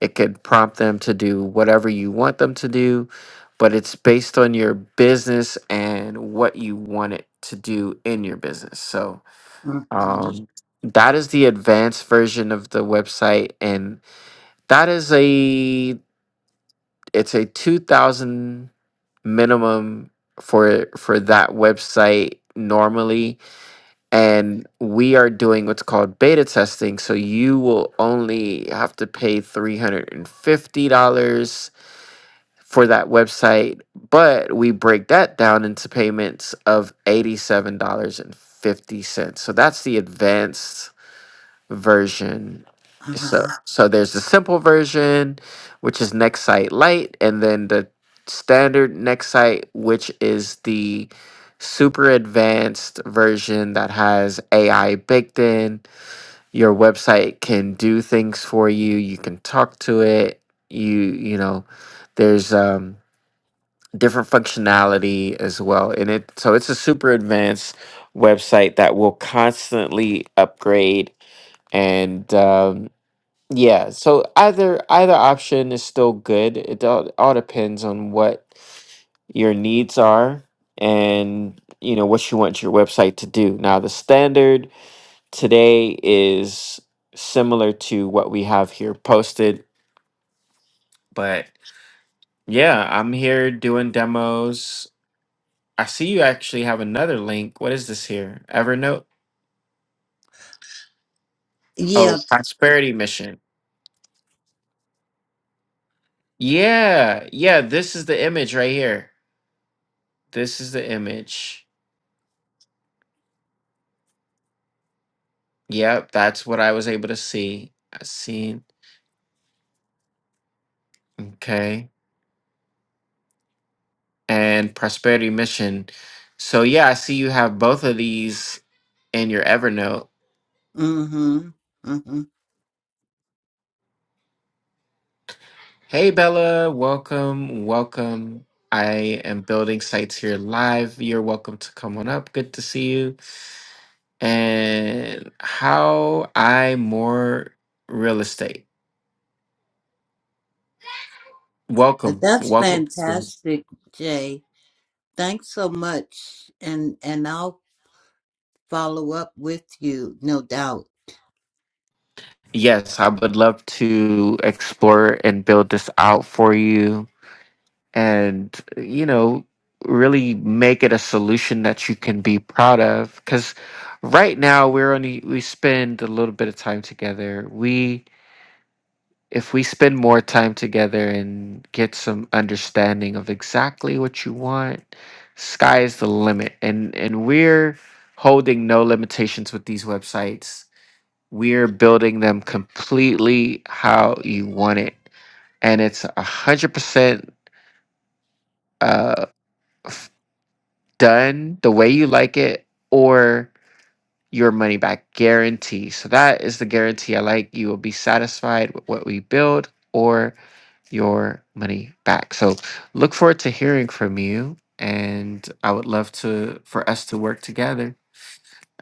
It can prompt them to do whatever you want them to do, but it's based on your business and what you want it to do in your business. So,
Mm-hmm.
um, that is the advanced version of the website, and that is a it's a two thousand minimum for for that website normally and we are doing what's called beta testing so you will only have to pay $350 for that website but we break that down into payments of $87.50 so that's the advanced version. So
Uh-huh.
so there's the simple version, which is Nexite Lite, and then the standard Nexite, which is the super advanced version that has AI baked in. Your website can do things for you. You can talk to it. You you know, there's um different functionality as well in it. So it's a super advanced website that will constantly upgrade and um, yeah, so either either option is still good. It all, all depends on what your needs are and you know what you want your website to do. Now the standard today is similar to what we have here posted, but yeah, I'm here doing demos. I see you actually have another link. What is this here? Evernote? Oh,
Yeah.
Prosperity Mission. Yeah, yeah, this is the image right here. This is the image. Yep, that's what I was able to see. I see. Okay. And Prosperity Mission. So yeah, I see you have both of these in your Evernote.
Mm-hmm. Mm-hmm.
Hey Bella, welcome, welcome. I am building sites here live. You're welcome to come on up. Good to see you. And how I more real estate.
But
Welcome,
that's
welcome.
fantastic, Jay. Thanks so much. And and I'll follow up with you, no doubt.
Yes, I would love to explore and build this out for you and you know really make it a solution that you can be proud of because right now we're only we spend a little bit of time together we if we spend more time together and get some understanding of exactly what you want sky is the limit and and we're holding no limitations with these websites we're building them completely how you want it and it's a hundred percent Uh. done the way you like it or your money back guarantee. So that is the guarantee I like. You will be satisfied with what we build or your money back. So look forward to hearing from you and I would love to for us to work together.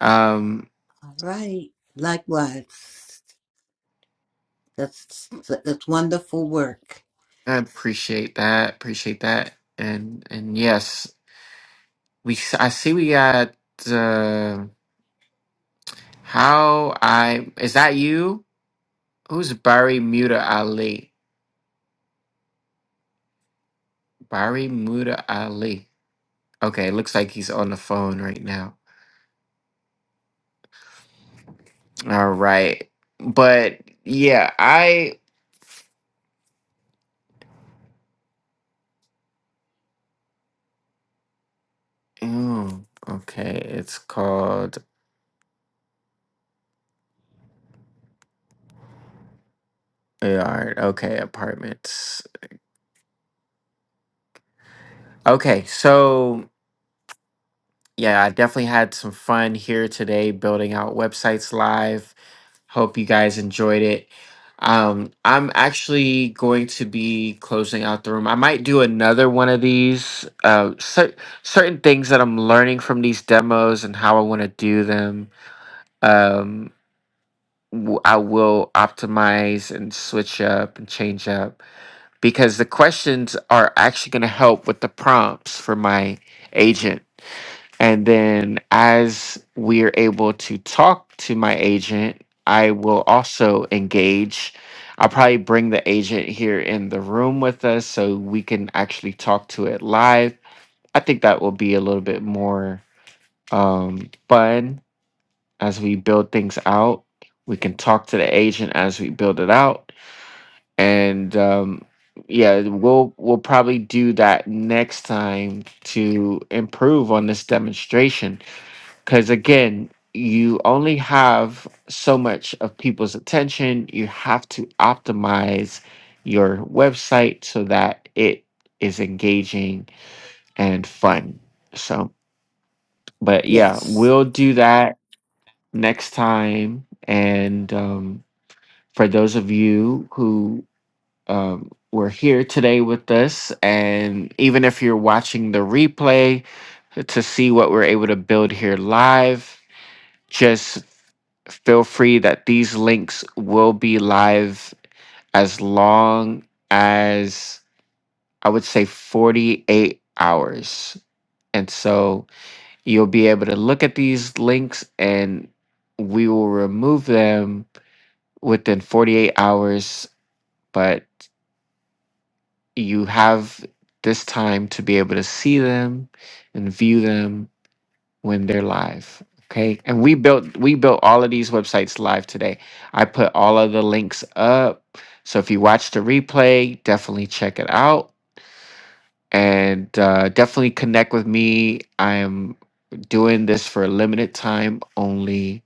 Um
All right. Likewise. That's that's wonderful work.
I appreciate that. Appreciate that. And and yes, we s- I see we got uh, how I is that you? Who's Barry Muta Ali? Bari Muda Ali. Okay, it looks like he's on the phone right now. All right. But yeah, I. Mm, okay, it's called. yeah, All right, okay, apartments. Okay, so yeah, I definitely had some fun here today building out websites live. Hope you guys enjoyed it. Um, I'm actually going to be closing out the room. I might do another one of these. Uh, cer- certain things that I'm learning from these demos and how I want to do them. Um, w- I will optimize and switch up and change up because the questions are actually going to help with the prompts for my agent. And then as we're able to talk to my agent, I will also engage. I'll probably bring the agent here in the room with us so we can actually talk to it live. I think that will be a little bit more um, fun as we build things out. We can talk to the agent as we build it out. And um, yeah, we'll we'll probably do that next time to improve on this demonstration because again you only have so much of people's attention you have to optimize your website so that it is engaging and fun so but yeah
Yes.
we'll do that next time and um, for those of you who um, were here today with us and even if you're watching the replay to see what we're able to build here live just feel free that these links will be live as long as I would say 48 hours. And so you'll be able to look at these links and we will remove them within 48 hours. But you have this time to be able to see them and view them when they're live. Okay. And we built we built all of these websites live today. I put all of the links up. So if you watch the replay, definitely check it out and uh, definitely connect with me. I am doing this for a limited time only,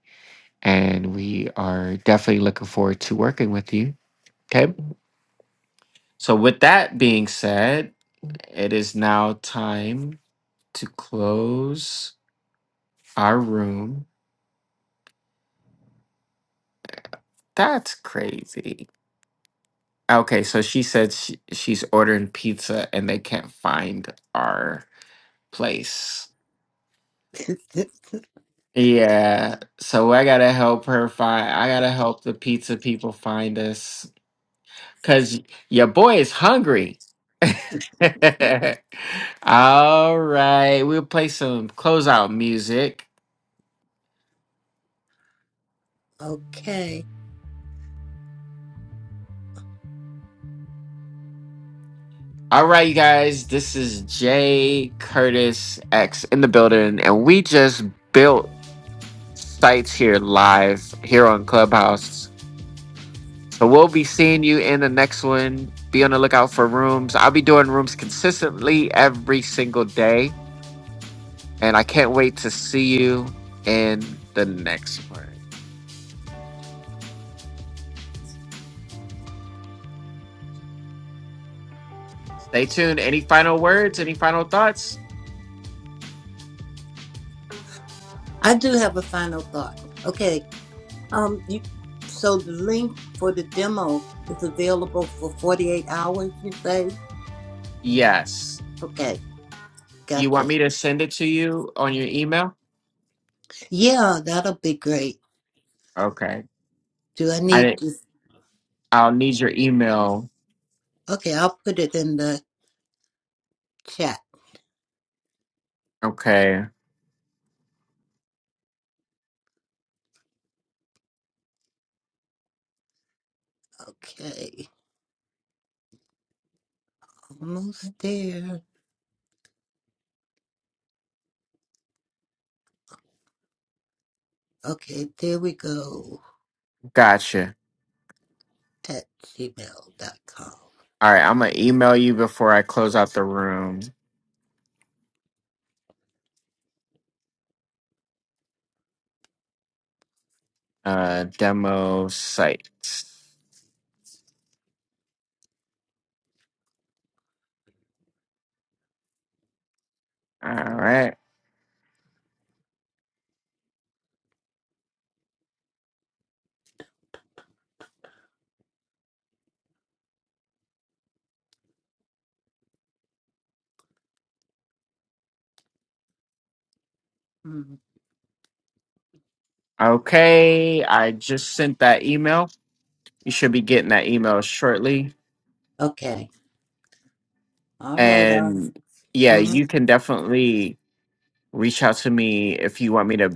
and we are definitely looking forward to working with you. Okay. So with that being said, it is now time to close our room. That's crazy. Okay, so she said she, she's ordering pizza and they can't find our place. Yeah, so I gotta help her find. I gotta help the pizza people find us because your boy is hungry. All right, we'll play some closeout music.
okay.
All right, you guys, this is Jay Curtis X in the building, and we just built sites here live here on Clubhouse. So we'll be seeing you in the next one. Be on the lookout for rooms. I'll be doing rooms consistently every single day. And I can't wait to see you in the next one. Stay tuned. Any final words? Any final thoughts?
I do have a final thought. Okay. Um you so the link for the demo is available for 48 hours, you say?
Yes.
Okay.
You want
Gotcha.
me to send it to you on your email?
Yeah, that'll be great.
Okay.
Do I
I
need
didn't,
to
I'll need your email.
Okay, I'll put it in the chat.
Okay.
Okay. Almost there. Okay, there we go.
Gotcha.
At gmail.com.
All right. I'm going to email you before I close out the room. Uh, demo site. All right.
Mm.
Okay, I just sent that email. You should be getting that email shortly.
Okay. All right. Uh,
And yeah,
mm
you can definitely reach out to me if you want me to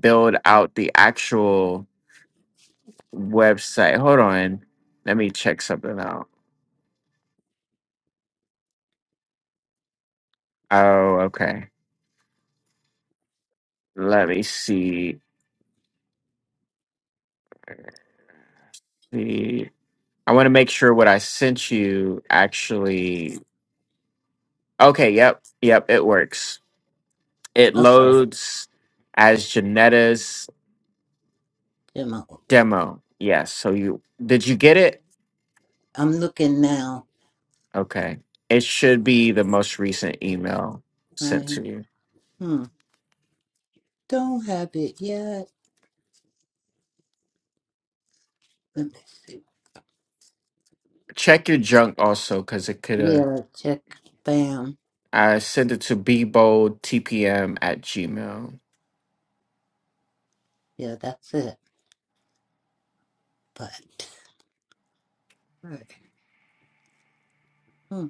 build out the actual website. Hold on. Let me check something out. Oh, okay. Let me see. The I want to make sure what I sent you actually Okay, yep. Yep, it works. It
Okay.
loads as Janetta's
Demo.
Demo. Yes. So you did you get it?
I'm looking now.
Okay. It should be the most recent email sent
Right.
to you.
Hmm. Don't have it yet. Let me see.
Check your junk also because it could have.
Yeah, check. Bam.
I sent it to bboldtpm at gmail.
Yeah, that's it. But. Right. Hmm.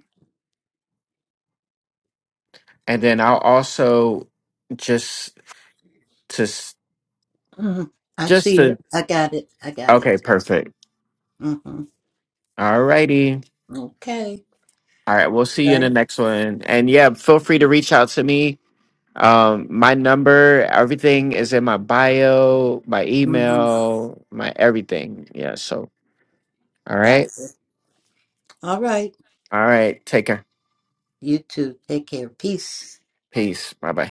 And then I'll also just to s-
Mm. I
just
see
to
it. I got it. I got
okay,
it.
perfect.
Mm-hmm.
All righty.
Okay.
All right, we'll see you in the
Thanks.
next one. And yeah, feel free to reach out to me Um, my number, everything is in my bio, my
Mm-hmm.
email, my everything. Yeah. So, all
Got
right.
it. All right.
All right. Take care.
You too. Take care. Peace.
Peace. Bye bye.